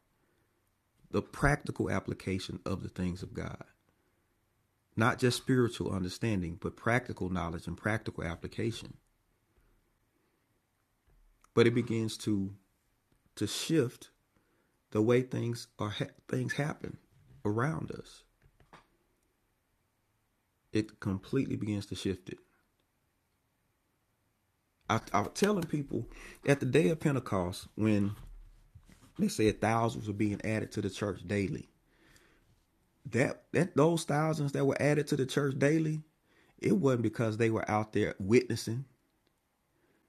[SPEAKER 4] the practical application of the things of God. Not just spiritual understanding, but practical knowledge and practical application. But it begins to to shift the way things are ha- things happen around us. It completely begins to shift it. I, I was telling people at the day of Pentecost when they said thousands were being added to the church daily. That that those thousands that were added to the church daily, it wasn't because they were out there witnessing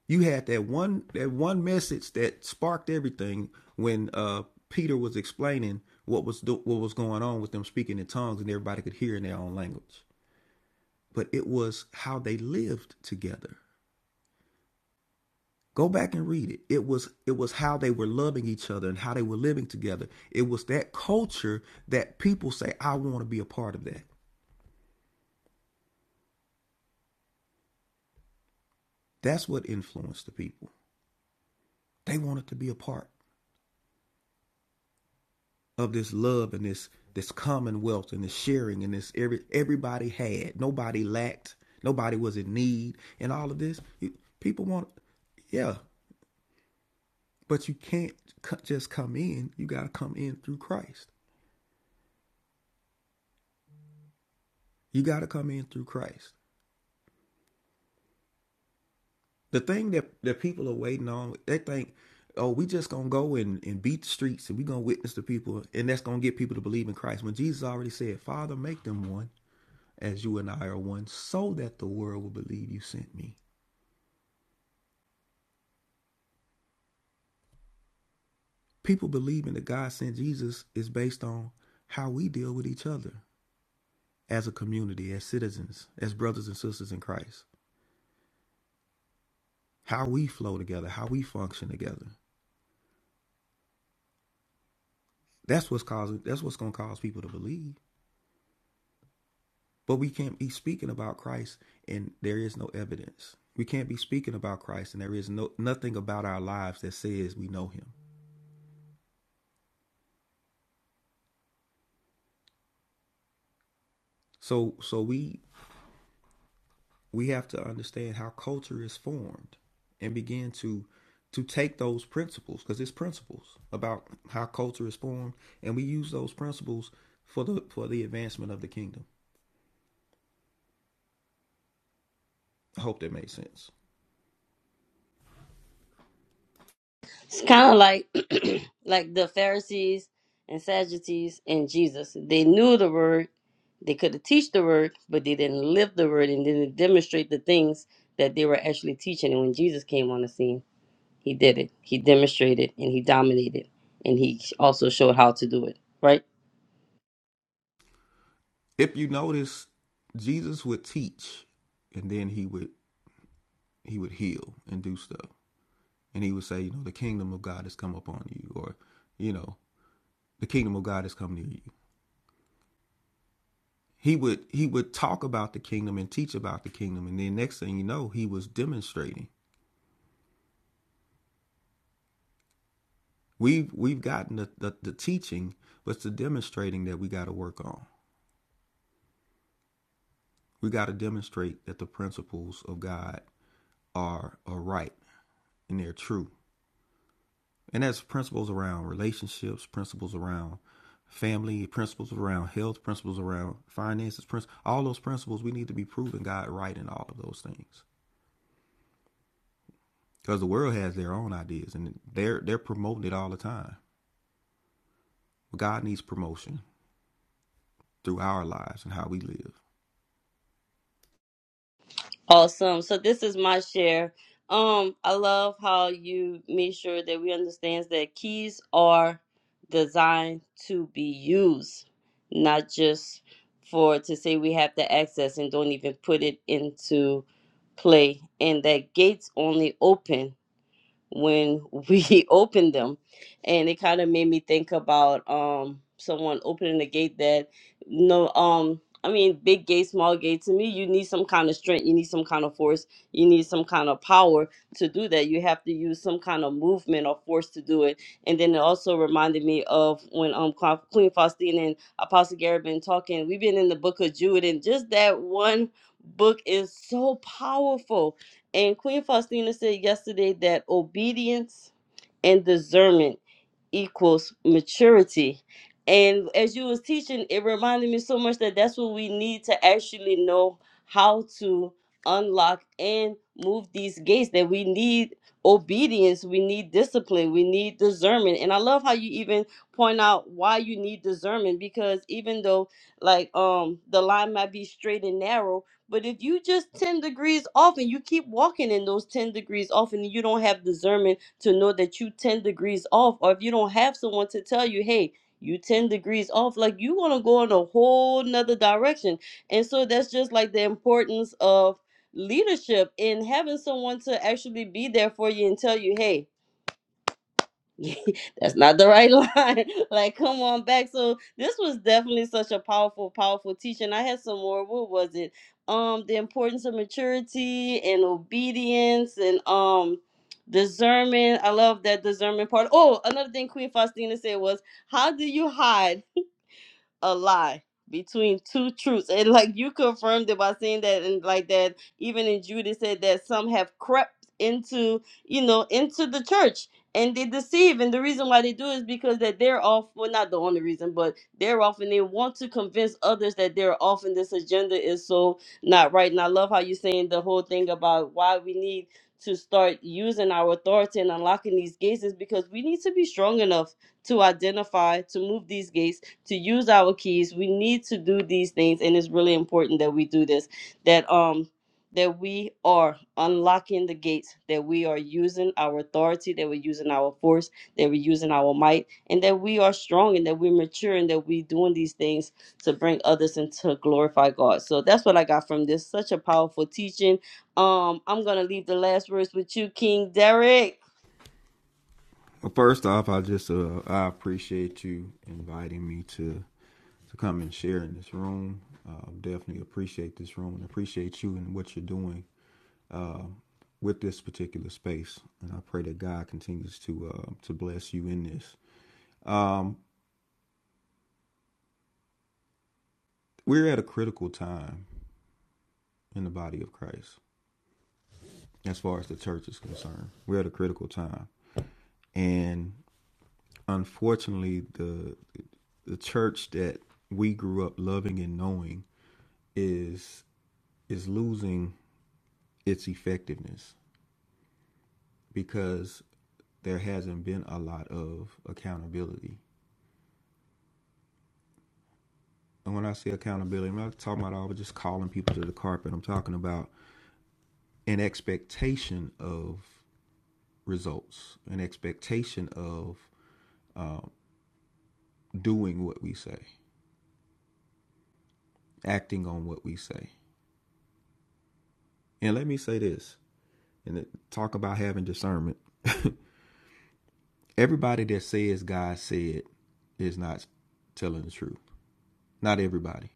[SPEAKER 4] You had that one that one message that sparked everything when uh, Peter was explaining what was do- what was going on with them speaking in tongues and everybody could hear in their own language. But it was how they lived together. Go back and read it. It was it was how they were loving each other and how they were living together. It was that culture that people say I want to be a part of that. That's what influenced the people. They wanted to be a part. of this love and this this commonwealth and this sharing and this every everybody had nobody lacked nobody was in need and all of this you, people want yeah but you can't just come in you got to come in through christ you got to come in through christ the thing that that people are waiting on they think oh we just gonna go and, and beat the streets and we gonna witness to people and that's gonna get people to believe in christ when jesus already said father make them one as you and i are one so that the world will believe you sent me people believing that God sent Jesus is based on how we deal with each other as a community, as citizens, as brothers and sisters in Christ. How we flow together, how we function together. That's what's causing that's what's gonna cause people to believe. But we can't be speaking about Christ and there is no evidence. We can't be speaking about Christ and there is no nothing about our lives that says we know him. So so we we have to understand how culture is formed and begin to to take those principles because it's principles about how culture is formed and we use those principles for the for the advancement of the kingdom i hope that made sense
[SPEAKER 1] It's kind of like (clears throat) like the Pharisees and Sadducees and Jesus. They knew the word, they could teach the word, but they didn't live the word and didn't demonstrate the things that they were actually teaching. And when Jesus came on the scene, he did it. He demonstrated and he dominated, and he also showed how to do it. Right?
[SPEAKER 4] if you notice jesus would teach and then he would he would heal and do stuff and he would say you know the kingdom of god has come upon you or you know the kingdom of god has come near you he would he would talk about the kingdom and teach about the kingdom and then next thing you know he was demonstrating we've we've gotten the, the, the teaching but it's the demonstrating that we got to work on we got to demonstrate that the principles of god are are right and they're true and that's principles around relationships principles around family principles around health principles around finances principles all those principles we need to be proving god right in all of those things because the world has their own ideas and they're they're promoting it all the time God needs promotion through our lives and how we live.
[SPEAKER 1] Awesome. So this is my share. Um, I love how you made sure that we understand that keys are designed to be used, not just for to say we have the access and don't even put it into play. And that gates only open when we (laughs) opened them and it kind of made me think about um someone opening the gate that no um i mean big gate small gate to me you need some kind of strength you need some kind of force you need some kind of power to do that you have to use some kind of movement or force to do it and then it also reminded me of when um Qu- queen Faustine and apostle gary been talking we've been in the book of jude and just that one book is so powerful and Queen Faustina said yesterday that obedience and discernment equals maturity. And as you was teaching, it reminded me so much that that's what we need to actually know how to unlock and move these gates. That we need obedience, we need discipline, we need discernment. And I love how you even point out why you need discernment because even though like um the line might be straight and narrow, but if you just 10 degrees off and you keep walking in those 10 degrees off and you don't have discernment to know that you 10 degrees off or if you don't have someone to tell you hey you 10 degrees off like you're gonna go in a whole nother direction and so that's just like the importance of leadership and having someone to actually be there for you and tell you hey (laughs) that's not the right line. (laughs) like, come on back. So this was definitely such a powerful, powerful teaching. I had some more. What was it? Um, the importance of maturity and obedience and um discernment. I love that discernment part. Oh, another thing Queen Faustina said was, "How do you hide?" a lie between two truths and like you confirmed it by saying that and like that even in judas said that some have crept into you know into the church and they deceive and the reason why they do is because that they're off well not the only reason but they're off and they want to convince others that they're off and this agenda is so not right and i love how you're saying the whole thing about why we need to start using our authority and unlocking these gates is because we need to be strong enough to identify to move these gates to use our keys. We need to do these things, and it's really important that we do this. That um that we are unlocking the gates, that we are using our authority, that we're using our force, that we're using our might, and that we are strong and that we're mature and that we're doing these things to bring others and to glorify God. So that's what I got from this. Such a powerful teaching. Um, I'm gonna leave the last words with you, King Derek.
[SPEAKER 4] Well, first off, I just uh, I appreciate you inviting me to to come and share in this room. Uh, definitely appreciate this room and appreciate you and what you're doing uh, with this particular space. And I pray that God continues to uh, to bless you in this. Um, we're at a critical time in the body of Christ, as far as the church is concerned. We're at a critical time, and unfortunately the the church that we grew up loving and knowing is is losing its effectiveness because there hasn't been a lot of accountability. And when I say accountability, I'm not talking about all just calling people to the carpet. I'm talking about an expectation of results, an expectation of um, doing what we say, acting on what we say. And let me say this and talk about having discernment. (laughs) everybody that says God said is not telling the truth. Not everybody.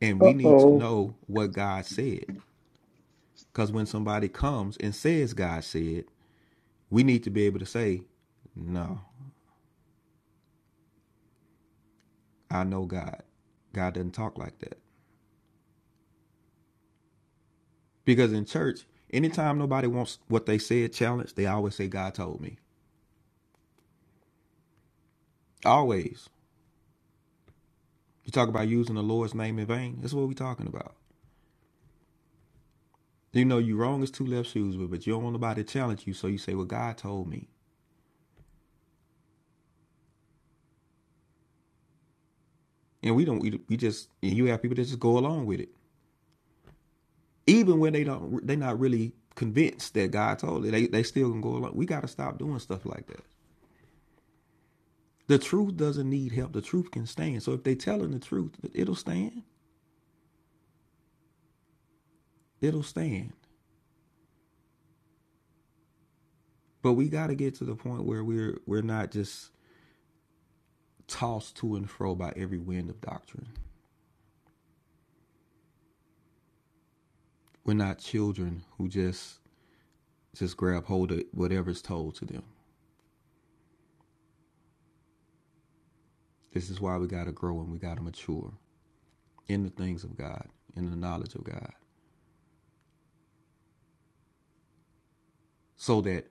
[SPEAKER 4] And
[SPEAKER 5] Uh
[SPEAKER 4] we need to
[SPEAKER 5] oh.
[SPEAKER 4] know what God said. Because when somebody comes and says God said, we need to be able to say, No, I know God. God doesn't talk like that. Because in church, anytime nobody wants what they said challenged, they always say, God told me. Always. You talk about using the Lord's name in vain. That's what we're talking about. You know you wrong is two left shoes with, but you don't want nobody to challenge you, so you say, "Well, God told me," and we don't. We, we just and you have people that just go along with it, even when they don't. They're not really convinced that God told it. They they still gonna go along. We got to stop doing stuff like that. The truth doesn't need help. The truth can stand. So if they telling the truth, it'll stand. It'll stand. But we got to get to the point where we're we're not just tossed to and fro by every wind of doctrine. We're not children who just just grab hold of whatever's told to them. This is why we got to grow and we got to mature in the things of God, in the knowledge of God, so that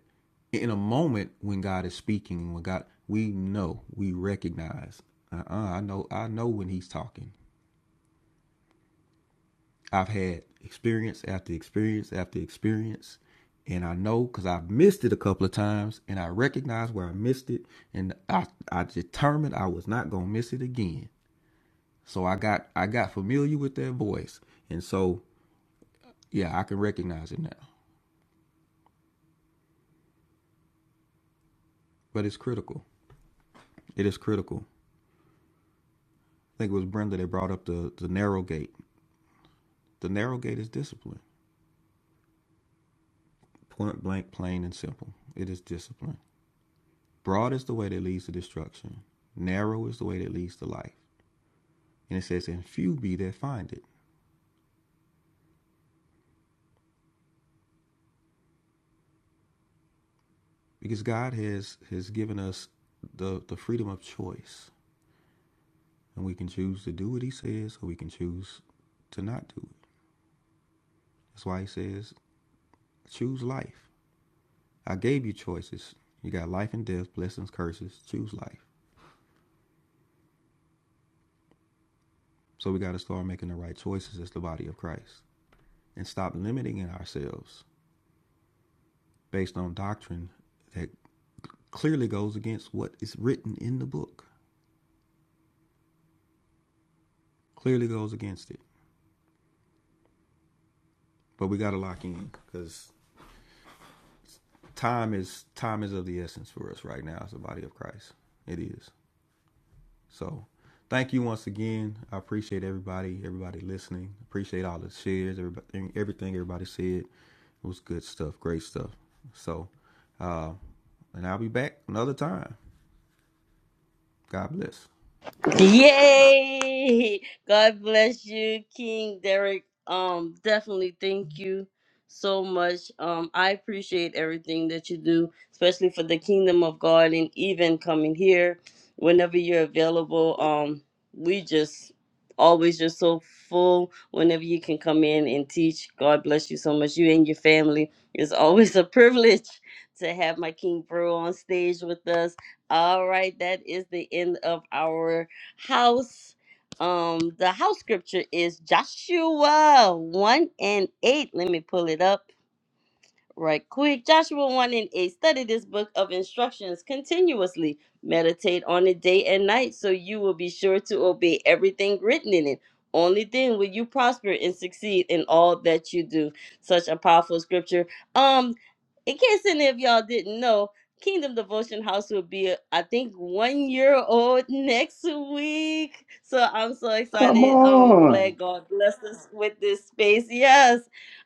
[SPEAKER 4] in a moment when God is speaking, when God, we know, we recognize. Uh-uh, I know, I know when He's talking. I've had experience after experience after experience, and I know because I've missed it a couple of times, and I recognize where I missed it, and I, I determined I was not gonna miss it again. So I got, I got familiar with that voice, and so yeah, I can recognize it now. But it's critical. It is critical. I think it was Brenda that brought up the, the narrow gate. The narrow gate is discipline. Point blank, plain and simple. It is discipline. Broad is the way that leads to destruction. Narrow is the way that leads to life. And it says, and few be that find it. Because God has has given us the, the freedom of choice. And we can choose to do what he says or we can choose to not do it. That's why he says, choose life. I gave you choices. You got life and death, blessings, curses. Choose life. So we got to start making the right choices as the body of Christ and stop limiting ourselves based on doctrine that clearly goes against what is written in the book. Clearly goes against it. But we got to lock in because time is time is of the essence for us right now as the body of Christ. It is. So thank you once again. I appreciate everybody, everybody listening. Appreciate all the shares, everybody, everything everybody said. It was good stuff, great stuff. So, uh, and I'll be back another time. God bless.
[SPEAKER 1] Yay! God bless you, King Derek. Um, definitely thank you so much. Um, I appreciate everything that you do, especially for the kingdom of God and even coming here whenever you're available. Um, we just always just so full whenever you can come in and teach. God bless you so much. You and your family. It's always (laughs) a privilege to have my King Bro on stage with us. All right, that is the end of our house. Um, the house scripture is Joshua 1 and 8. Let me pull it up right quick. Joshua 1 and 8. Study this book of instructions continuously. Meditate on it day and night so you will be sure to obey everything written in it. Only then will you prosper and succeed in all that you do. Such a powerful scripture. Um, in case any of y'all didn't know, Kingdom Devotion House will be, uh, I think, one year old (laughs) next week. So I'm so
[SPEAKER 5] Come
[SPEAKER 1] excited. Um,
[SPEAKER 5] on.
[SPEAKER 1] glad God blessed us with this space. Yes.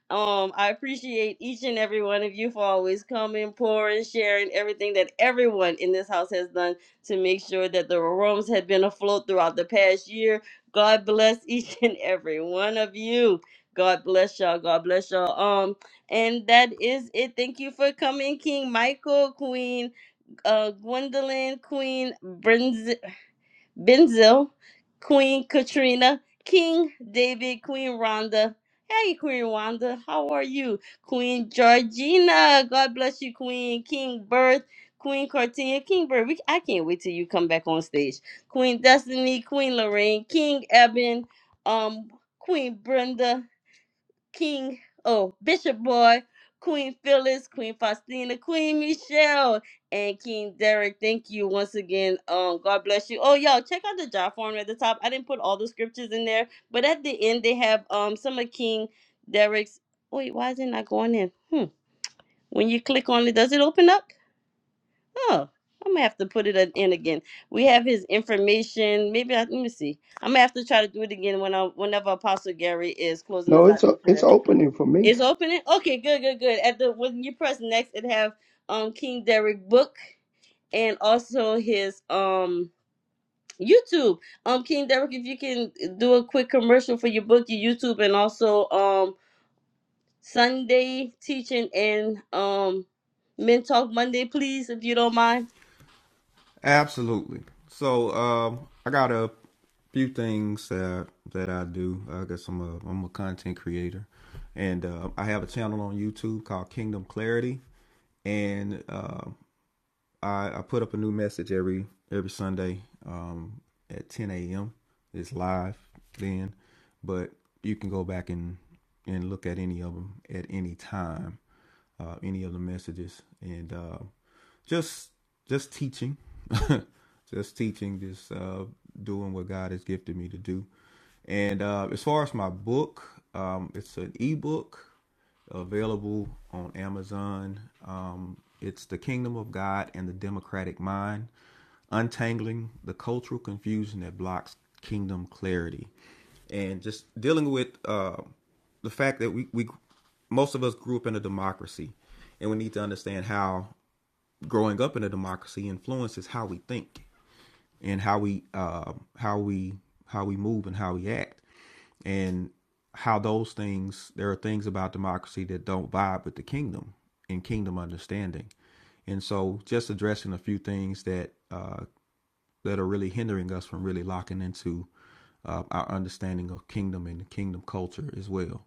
[SPEAKER 1] Um, I appreciate each and every one of you for always coming, pouring, sharing everything that everyone in this house has done to make sure that the rooms have been afloat throughout the past year. God bless each (laughs) and every one of you. God bless y'all. God bless y'all. Um. And that is it. Thank you for coming, King Michael, Queen uh, Gwendolyn, Queen Brenz- Benzel, Queen Katrina, King David, Queen Rhonda. Hey, Queen Rhonda, how are you? Queen Georgina, God bless you, Queen. King Birth, Queen Cartina, King Birth. We, I can't wait till you come back on stage. Queen Destiny, Queen Lorraine, King Eben, um, Queen Brenda. King, oh, Bishop Boy, Queen Phyllis, Queen Faustina, Queen Michelle, and King Derek. Thank you once again. Um, God bless you. Oh, y'all, check out the job form at the top. I didn't put all the scriptures in there, but at the end they have um some of King Derek's. Wait, why is it not going in? Hmm. When you click on it, does it open up? Oh, I'm gonna have to put it in again. We have his information. Maybe I, let me see. I'm gonna have to try to do it again when I, whenever Apostle Gary is closing
[SPEAKER 5] No,
[SPEAKER 1] us
[SPEAKER 5] it's
[SPEAKER 1] out
[SPEAKER 5] a,
[SPEAKER 1] in prayer.
[SPEAKER 5] it's opening for me.
[SPEAKER 1] It's opening. Okay, good, good, good. At the when you press next, it have um King Derek book and also his um YouTube. Um, King Derek, if you can do a quick commercial for your book, your YouTube, and also um Sunday teaching and um Men Talk Monday, please, if you don't mind.
[SPEAKER 4] Absolutely. So um, I got a few things that that I do. I got some. Uh, I'm a content creator, and uh, I have a channel on YouTube called Kingdom Clarity. And uh, I, I put up a new message every every Sunday um, at 10 a.m. It's live then, but you can go back and and look at any of them at any time, uh, any of the messages, and uh, just just teaching, (laughs) just teaching, just uh, doing what God has gifted me to do. And uh, as far as my book, um, it's an ebook available on Amazon. Um, it's The Kingdom of God and the Democratic Mind Untangling the Cultural Confusion that Blocks Kingdom Clarity. And just dealing with uh, the fact that we, we, most of us grew up in a democracy, and we need to understand how growing up in a democracy influences how we think in how we uh, how we how we move and how we act, and how those things there are things about democracy that don't vibe with the kingdom and kingdom understanding, and so just addressing a few things that uh, that are really hindering us from really locking into uh, our understanding of kingdom and kingdom culture as well,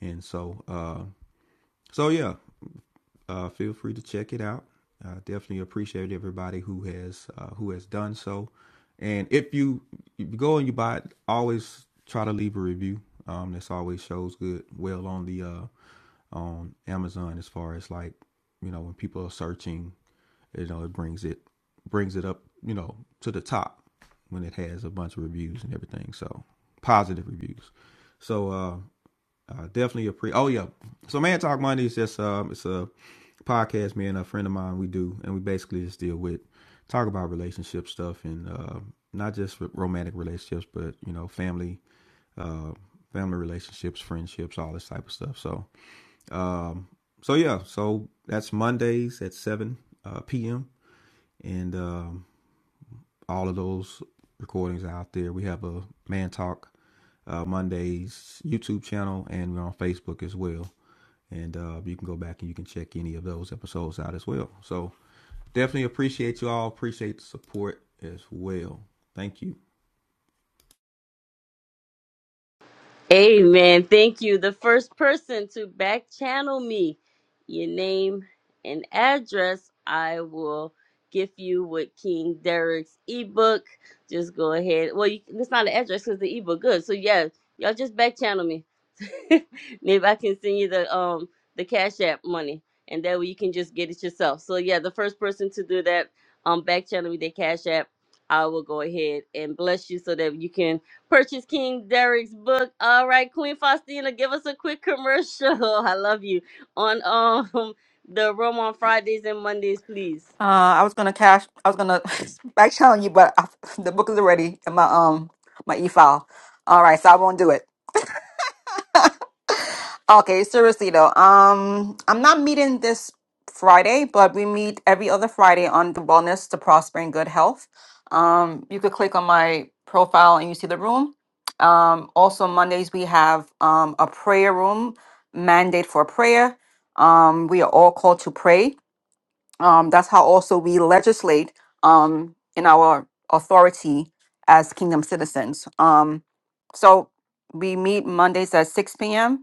[SPEAKER 4] and so uh, so yeah uh, feel free to check it out. I Uh, definitely appreciate everybody who has uh, who has done so. And if you, if you go and you buy it, always try to leave a review. Um, this always shows good well on the uh, on Amazon as far as like you know when people are searching, you know it brings it brings it up you know to the top when it has a bunch of reviews and everything. So positive reviews. So. uh, uh, definitely a pre. Oh yeah, so Man Talk Monday is just um, it's a podcast me and a friend of mine we do, and we basically just deal with talk about relationship stuff and uh, not just romantic relationships, but you know family, uh, family relationships, friendships, all this type of stuff. So um, so yeah, so that's Mondays at seven uh, p.m. and um, all of those recordings are out there. We have a Man Talk uh, Mondays YouTube channel, and we're on Facebook as well. and uh, you can go back and you can check any of those episodes out as well. So definitely appreciate you all. Appreciate the support as well. Thank you.
[SPEAKER 1] Amen. Thank you. The first person to back channel me, your name and address, I will gift you with King Derek's ebook. Just go ahead. Well, you, it's not an address because the ebook good. So yeah, y'all just back channel me. (laughs) Maybe I can send you the um the Cash App money, and that way you can just get it yourself. So yeah, the first person to do that, um, back channel me their Cash App. I will go ahead and bless you so that you can purchase King Derek's book. All right, Queen Faustina, give us a quick commercial. (laughs) I love you. On um the room on Fridays and Mondays, please.
[SPEAKER 2] Uh, I was gonna cash. I was gonna (laughs) back channel you, but I, (laughs) the book is already in my um my e file. All right, so I won't do it. Okay, seriously though, um, I'm not meeting this Friday, but we meet every other Friday on the Wellness to Prosper and Good Health. Um, you could click on my profile and you see the room. Um, also Mondays we have um a prayer room mandate for prayer. Um, we are all called to pray. Um, that's how also we legislate um in our authority as kingdom citizens. Um, so we meet Mondays at 6 p.m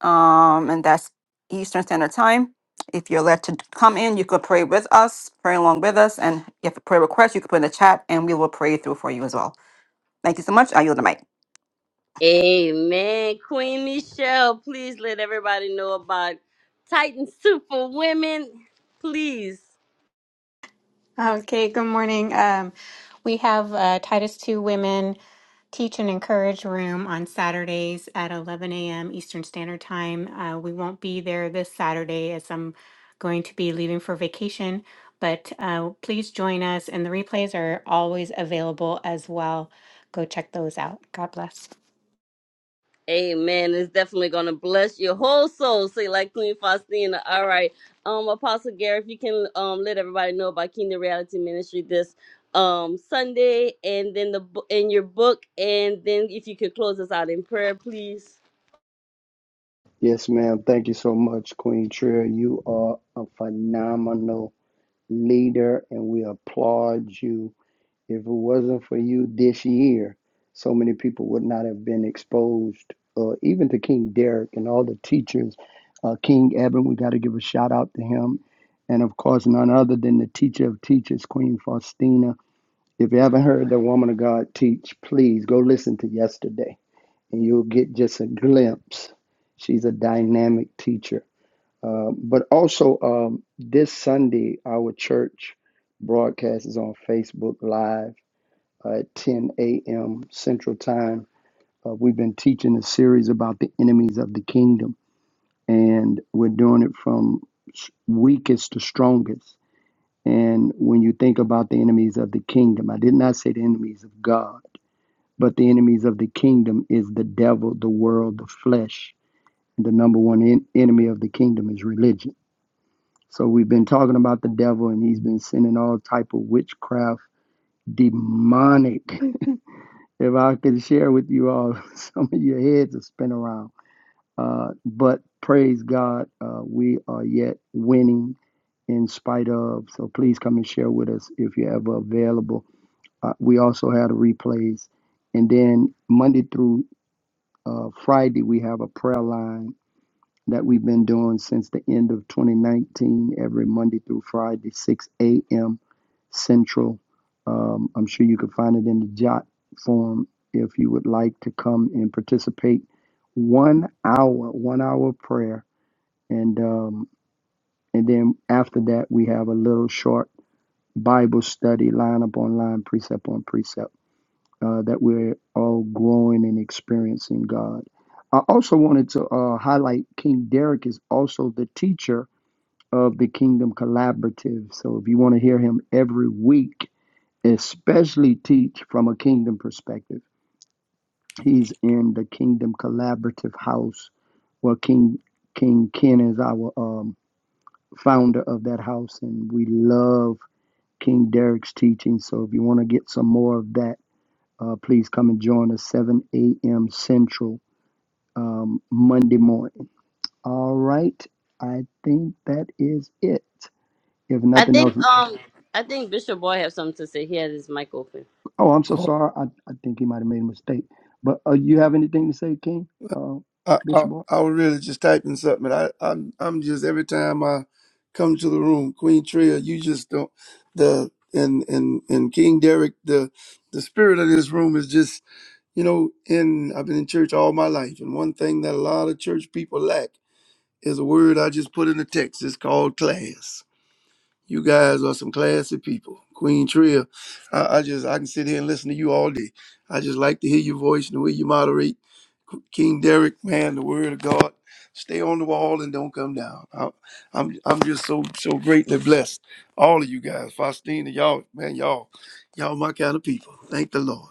[SPEAKER 2] um, and that's Eastern Standard Time. If you're led to come in, you could pray with us, pray along with us, and if you have a prayer request, you could put in the chat, and we will pray through for you as well. Thank you so much. I yield the mic.
[SPEAKER 1] Amen. Queen Michelle, please let everybody know about Titan Super Women. Please.
[SPEAKER 7] Okay, good morning. Um, we have uh, Titus 2 Women Teach and Encourage Room on Saturdays at 11 a.m. Eastern Standard Time. Uh, we won't be there this Saturday as I'm going to be leaving for vacation, but uh, please join us, and the replays are always available as well. Go check those out. God bless.
[SPEAKER 1] Amen. It's definitely going to bless your whole soul. Say like Queen Faustina. All right. Um, Apostle Gary, if you can um let everybody know about Kingdom Reality Ministry this um Sunday, and then the bo- and your book, and then if you could close us out in prayer, please.
[SPEAKER 5] Yes, ma'am. Thank you so much, Queen Trier. You are a phenomenal leader, and we applaud you. If it wasn't for you this year, so many people would not have been exposed, uh, even to King Derek and all the teachers. Uh, King Eben, we got to give a shout out to him. And of course, none other than the teacher of teachers, Queen Faustina. If you haven't heard the woman of God teach, please go listen to yesterday and you'll get just a glimpse. She's a dynamic teacher. Uh, but also, um, this Sunday, our church broadcast is on Facebook Live uh, at 10 a.m. Central Time. Uh, we've been teaching a series about the enemies of the kingdom, and we're doing it from weakest to strongest. And when you think about the enemies of the kingdom, I did not say the enemies of God, but the enemies of the kingdom is the devil, the world, the flesh the number one en- enemy of the kingdom is religion. So we've been talking about the devil, and he's been sending all type of witchcraft, demonic. (laughs) if I could share with you all, (laughs) some of your heads are spin around. Uh, but praise God, uh, we are yet winning in spite of. So please come and share with us if you're ever available. Uh, we also had a replays, and then Monday through uh, Friday we have a prayer line that we've been doing since the end of 2019, every Monday through Friday, 6 a.m. Central. Um, I'm sure you can find it in the jot form if you would like to come and participate. One hour, one hour prayer, and um, and then after that we have a little short Bible study, line upon line, precept on precept uh, that we're all growing and experiencing God. I also wanted to uh, highlight King Derek is also the teacher of the Kingdom Collaborative. So if you want to hear him every week, especially teach from a kingdom perspective, he's in the Kingdom Collaborative house where King King Ken is our um, founder of that house, and we love King Derek's teaching. So if you want to get some more of that, uh, please come and join us 7 a.m. Central um, Monday morning. All right. I think that is it. If
[SPEAKER 1] I
[SPEAKER 5] nothing
[SPEAKER 1] think
[SPEAKER 5] else,
[SPEAKER 1] um I think Bishop Boy have something to say. He has his mic open.
[SPEAKER 5] oh, I'm so
[SPEAKER 3] Oh,
[SPEAKER 5] sorry. I, I think he might have made a mistake. But uh, you have anything to say, King? Uh,
[SPEAKER 3] I, I,
[SPEAKER 5] Bishop? Moore?
[SPEAKER 3] I was really just typing something. I, I'm, I'm just every time I come to the room, Queen Tria, you just don't the and and and King Derek, the the spirit of this room is just You know, in I've been in church all my life, and one thing that a lot of church people lack is a word I just put in the text. It's called class. You guys are some classy people. Queen Tria, I, I just I can sit here and listen to you all day. I just like to hear your voice and the way you moderate. King Derek, man, the word of God. Stay on the wall and don't come down. I, I'm I'm just so so greatly blessed. All of you guys, Faustina, y'all, man, y'all, y'all my kind of people. Thank the Lord.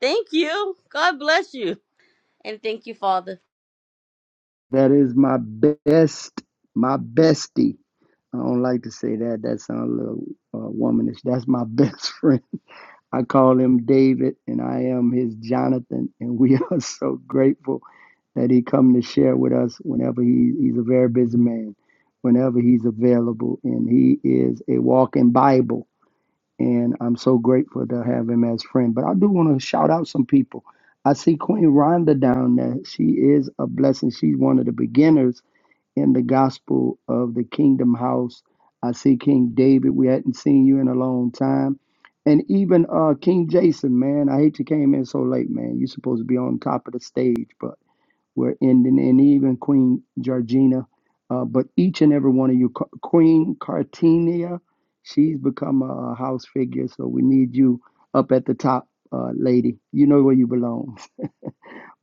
[SPEAKER 1] Thank you. God bless you, and thank you, Father.
[SPEAKER 5] That is my best, my bestie. I don't like to say that. That sounds a little uh, womanish. That's my (laughs) best friend. I call him David, and I am his Jonathan, (laughs) and we are so grateful that he come to share with us whenever he, he's a very busy man, whenever he's available, and he is a walking Bible, and I'm so grateful to have him as friend. But I do want to shout out some people. I see Queen Rhonda down there. She is a blessing. She's one of the beginners in the gospel of the kingdom house. I see King David. We hadn't seen you in a long time. And even uh, King Jason, man, I hate you came in so late, man. You're supposed to be on top of the stage, but we're ending. And even Queen Georgina. Uh, but each and every one of you, Ca- Queen Cartinia, she's become a, a house figure. So we need you up at the top, uh, lady. You know where you belong. (laughs)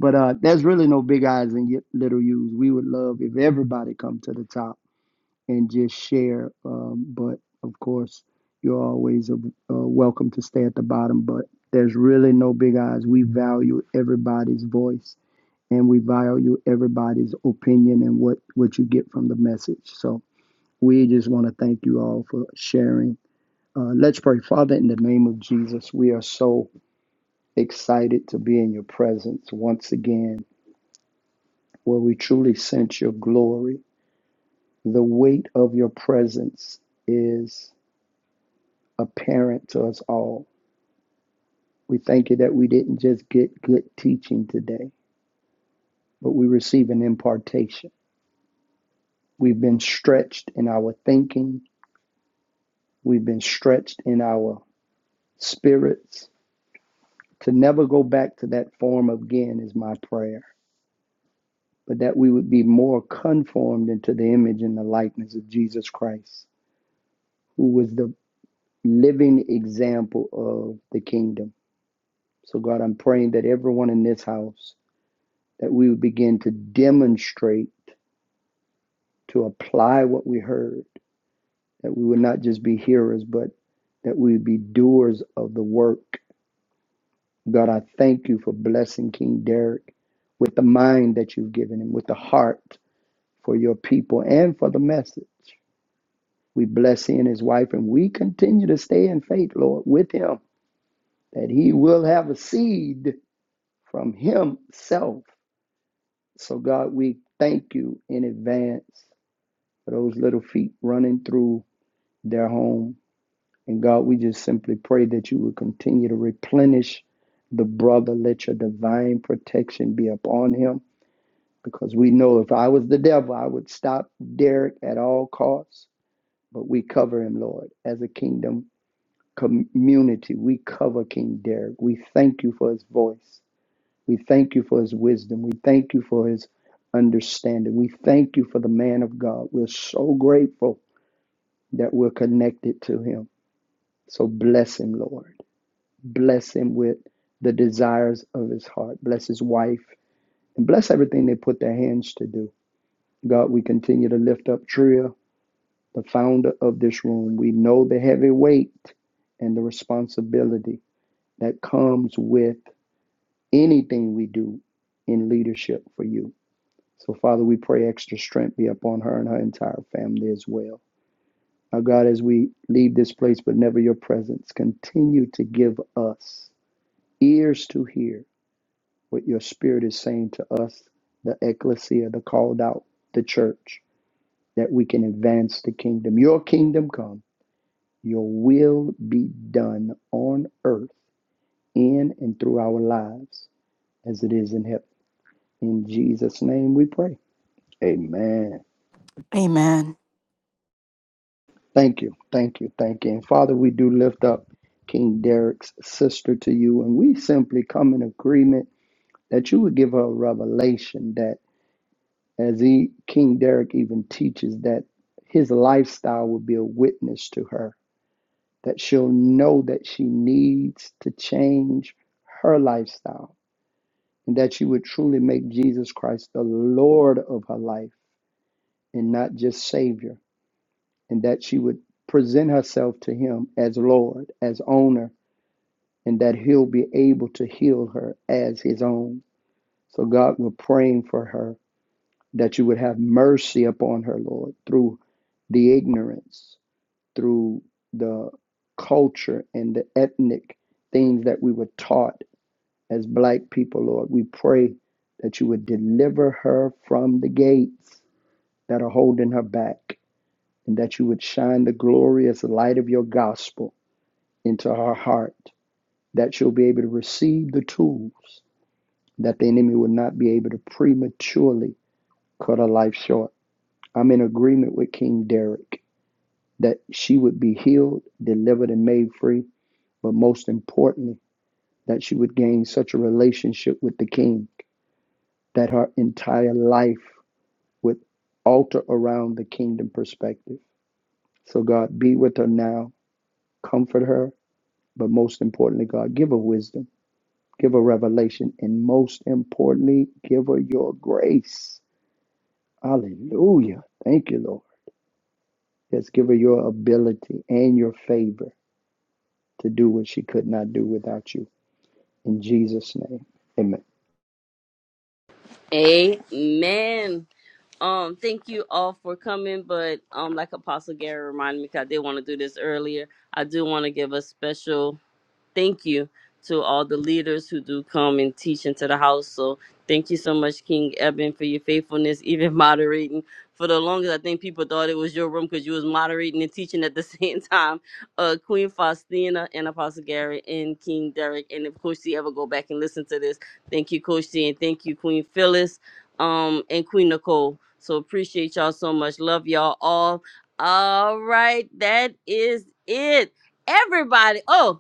[SPEAKER 5] But uh, there's really no big eyes and y- little U's. We would love if everybody come to the top and just share. Um, but of course, you're always uh, uh, welcome to stay at the bottom. But there's really no big eyes. We value everybody's voice and we value everybody's opinion and what, what you get from the message. So we just want to thank you all for sharing. Uh, let's pray. Father, in the name of Jesus, we are so excited to be in your presence once again, where we truly sense your glory. The weight of your presence is apparent to us all. We thank you that we didn't just get good teaching today, but we receive an impartation. We've been stretched in our thinking, we've been stretched in our spirits to never go back to that form again, is my prayer. But that we would be more conformed into the image and the likeness of Jesus Christ, who was the living example of the kingdom. So, God, I'm praying that everyone in this house, that we would begin to demonstrate to apply what we heard, that we would not just be hearers, but that we would be doers of the work. God, I thank you for blessing King Derek with the mind that you've given him, with the heart for your people and for the message. We bless he and his wife, and we continue to stay in faith, Lord, with him, that he will have a seed from himself. So, God, we thank you in advance for those little feet running through their home And God, we just simply pray that you would continue to replenish the brother. Let your divine protection be upon him. Because we know if I was the devil, I would stop Derek at all costs. But we cover him, Lord, as a kingdom community. We cover King Derek. We thank you for his voice. We thank you for his wisdom. We thank you for his understanding. We thank you for the man of God. We're so grateful that we're connected to him. So bless him, Lord. bless him with the desires of his heart. Bless his wife and bless everything they put their hands to do. God, we continue to lift up Tria, the founder of this room. We know the heavy weight and the responsibility that comes with anything we do in leadership for you. So, Father, we pray extra strength be upon her and her entire family as well. Now, God, as we leave this place, but never your presence, continue to give us ears to hear what your spirit is saying to us, the ecclesia, the called out, the church, that we can advance the kingdom. Your kingdom come, your will be done on earth, in and through our lives, as it is in heaven. In Jesus' name we pray. Amen.
[SPEAKER 2] Amen.
[SPEAKER 5] Thank you, thank you, thank you. And Father, we do lift up King Derek's sister to you, and we simply come in agreement that you would give her a revelation that. As he, King Derek even teaches that his lifestyle will be a witness to her, that she'll know that she needs to change her lifestyle, and that she would truly make Jesus Christ the Lord of her life and not just Savior, and that she would present herself to him as Lord, as owner, and that he'll be able to heal her as his own. So God, we're praying for her that you would have mercy upon her, Lord, through the ignorance, through the culture and the ethnic things that we were taught as black people, Lord. We pray that you would deliver her from the gates that are holding her back and that you would shine the glorious light of your gospel into her heart, that she'll be able to receive the tools that the enemy would not be able to prematurely cut her life short. I'm in agreement with King Derek that she would be healed, delivered, and made free, but most importantly, that she would gain such a relationship with the King that her entire life would alter around the kingdom perspective. So, God, be with her now, comfort her, but most importantly, God, give her wisdom, give her revelation, and most importantly, give her your grace. Hallelujah. Thank you, Lord. Yes, give her your ability and your favor to do what she could not do without you. In Jesus' name, amen.
[SPEAKER 1] Amen. Um, thank you all for coming, but um, like Apostle Gary reminded me, 'cause I did want to do this earlier. I do want to give a special thank you to all the leaders who do come and teach into the house. So thank you so much, King Eben, for your faithfulness, (laughs) even moderating. For the longest, I think people thought it was your room because you was moderating and teaching at the (laughs) same time. Uh, Queen Faustina and Apostle Gary and King Derek. And if Coach T ever go back and listen to this, thank you, Coach T, and thank you, Queen Phyllis, um, and Queen Nicole. So appreciate y'all so much. Love y'all all. All right, that is it everybody. Oh,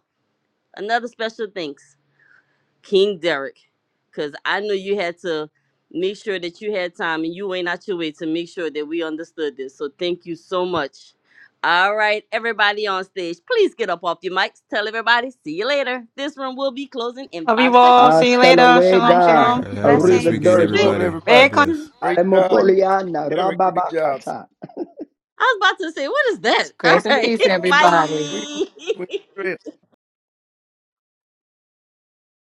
[SPEAKER 1] another special thanks, King Derek, because I knew you had to make sure that you had time and you went out your way to make sure that we understood this. So thank you so much. All right, everybody on stage, please get up off your mics. Tell everybody, see you later. This room will be closing in
[SPEAKER 2] Love
[SPEAKER 1] five
[SPEAKER 2] you
[SPEAKER 1] seconds.
[SPEAKER 2] all. See you
[SPEAKER 5] Hasta
[SPEAKER 2] later.
[SPEAKER 1] Five,
[SPEAKER 2] Shalom,
[SPEAKER 7] Sure.
[SPEAKER 4] All
[SPEAKER 5] luego,
[SPEAKER 2] shalom.
[SPEAKER 4] right. Have a
[SPEAKER 1] four,
[SPEAKER 4] blessed
[SPEAKER 7] Blessings.
[SPEAKER 4] weekend,
[SPEAKER 3] Praise the
[SPEAKER 5] arrivederci,
[SPEAKER 1] three,
[SPEAKER 3] Lord,
[SPEAKER 4] everybody.
[SPEAKER 3] everybody.
[SPEAKER 4] God
[SPEAKER 2] Very
[SPEAKER 4] bless.
[SPEAKER 1] two,
[SPEAKER 3] Great job,
[SPEAKER 1] one.
[SPEAKER 5] alemokoliana,
[SPEAKER 3] Derek. Great job, sir.
[SPEAKER 5] rababakata.
[SPEAKER 1] I was about to say, what is that? All
[SPEAKER 9] Grace and
[SPEAKER 1] right,
[SPEAKER 9] peace, everybody.
[SPEAKER 3] Queen, Queen
[SPEAKER 1] (laughs) bye. (laughs)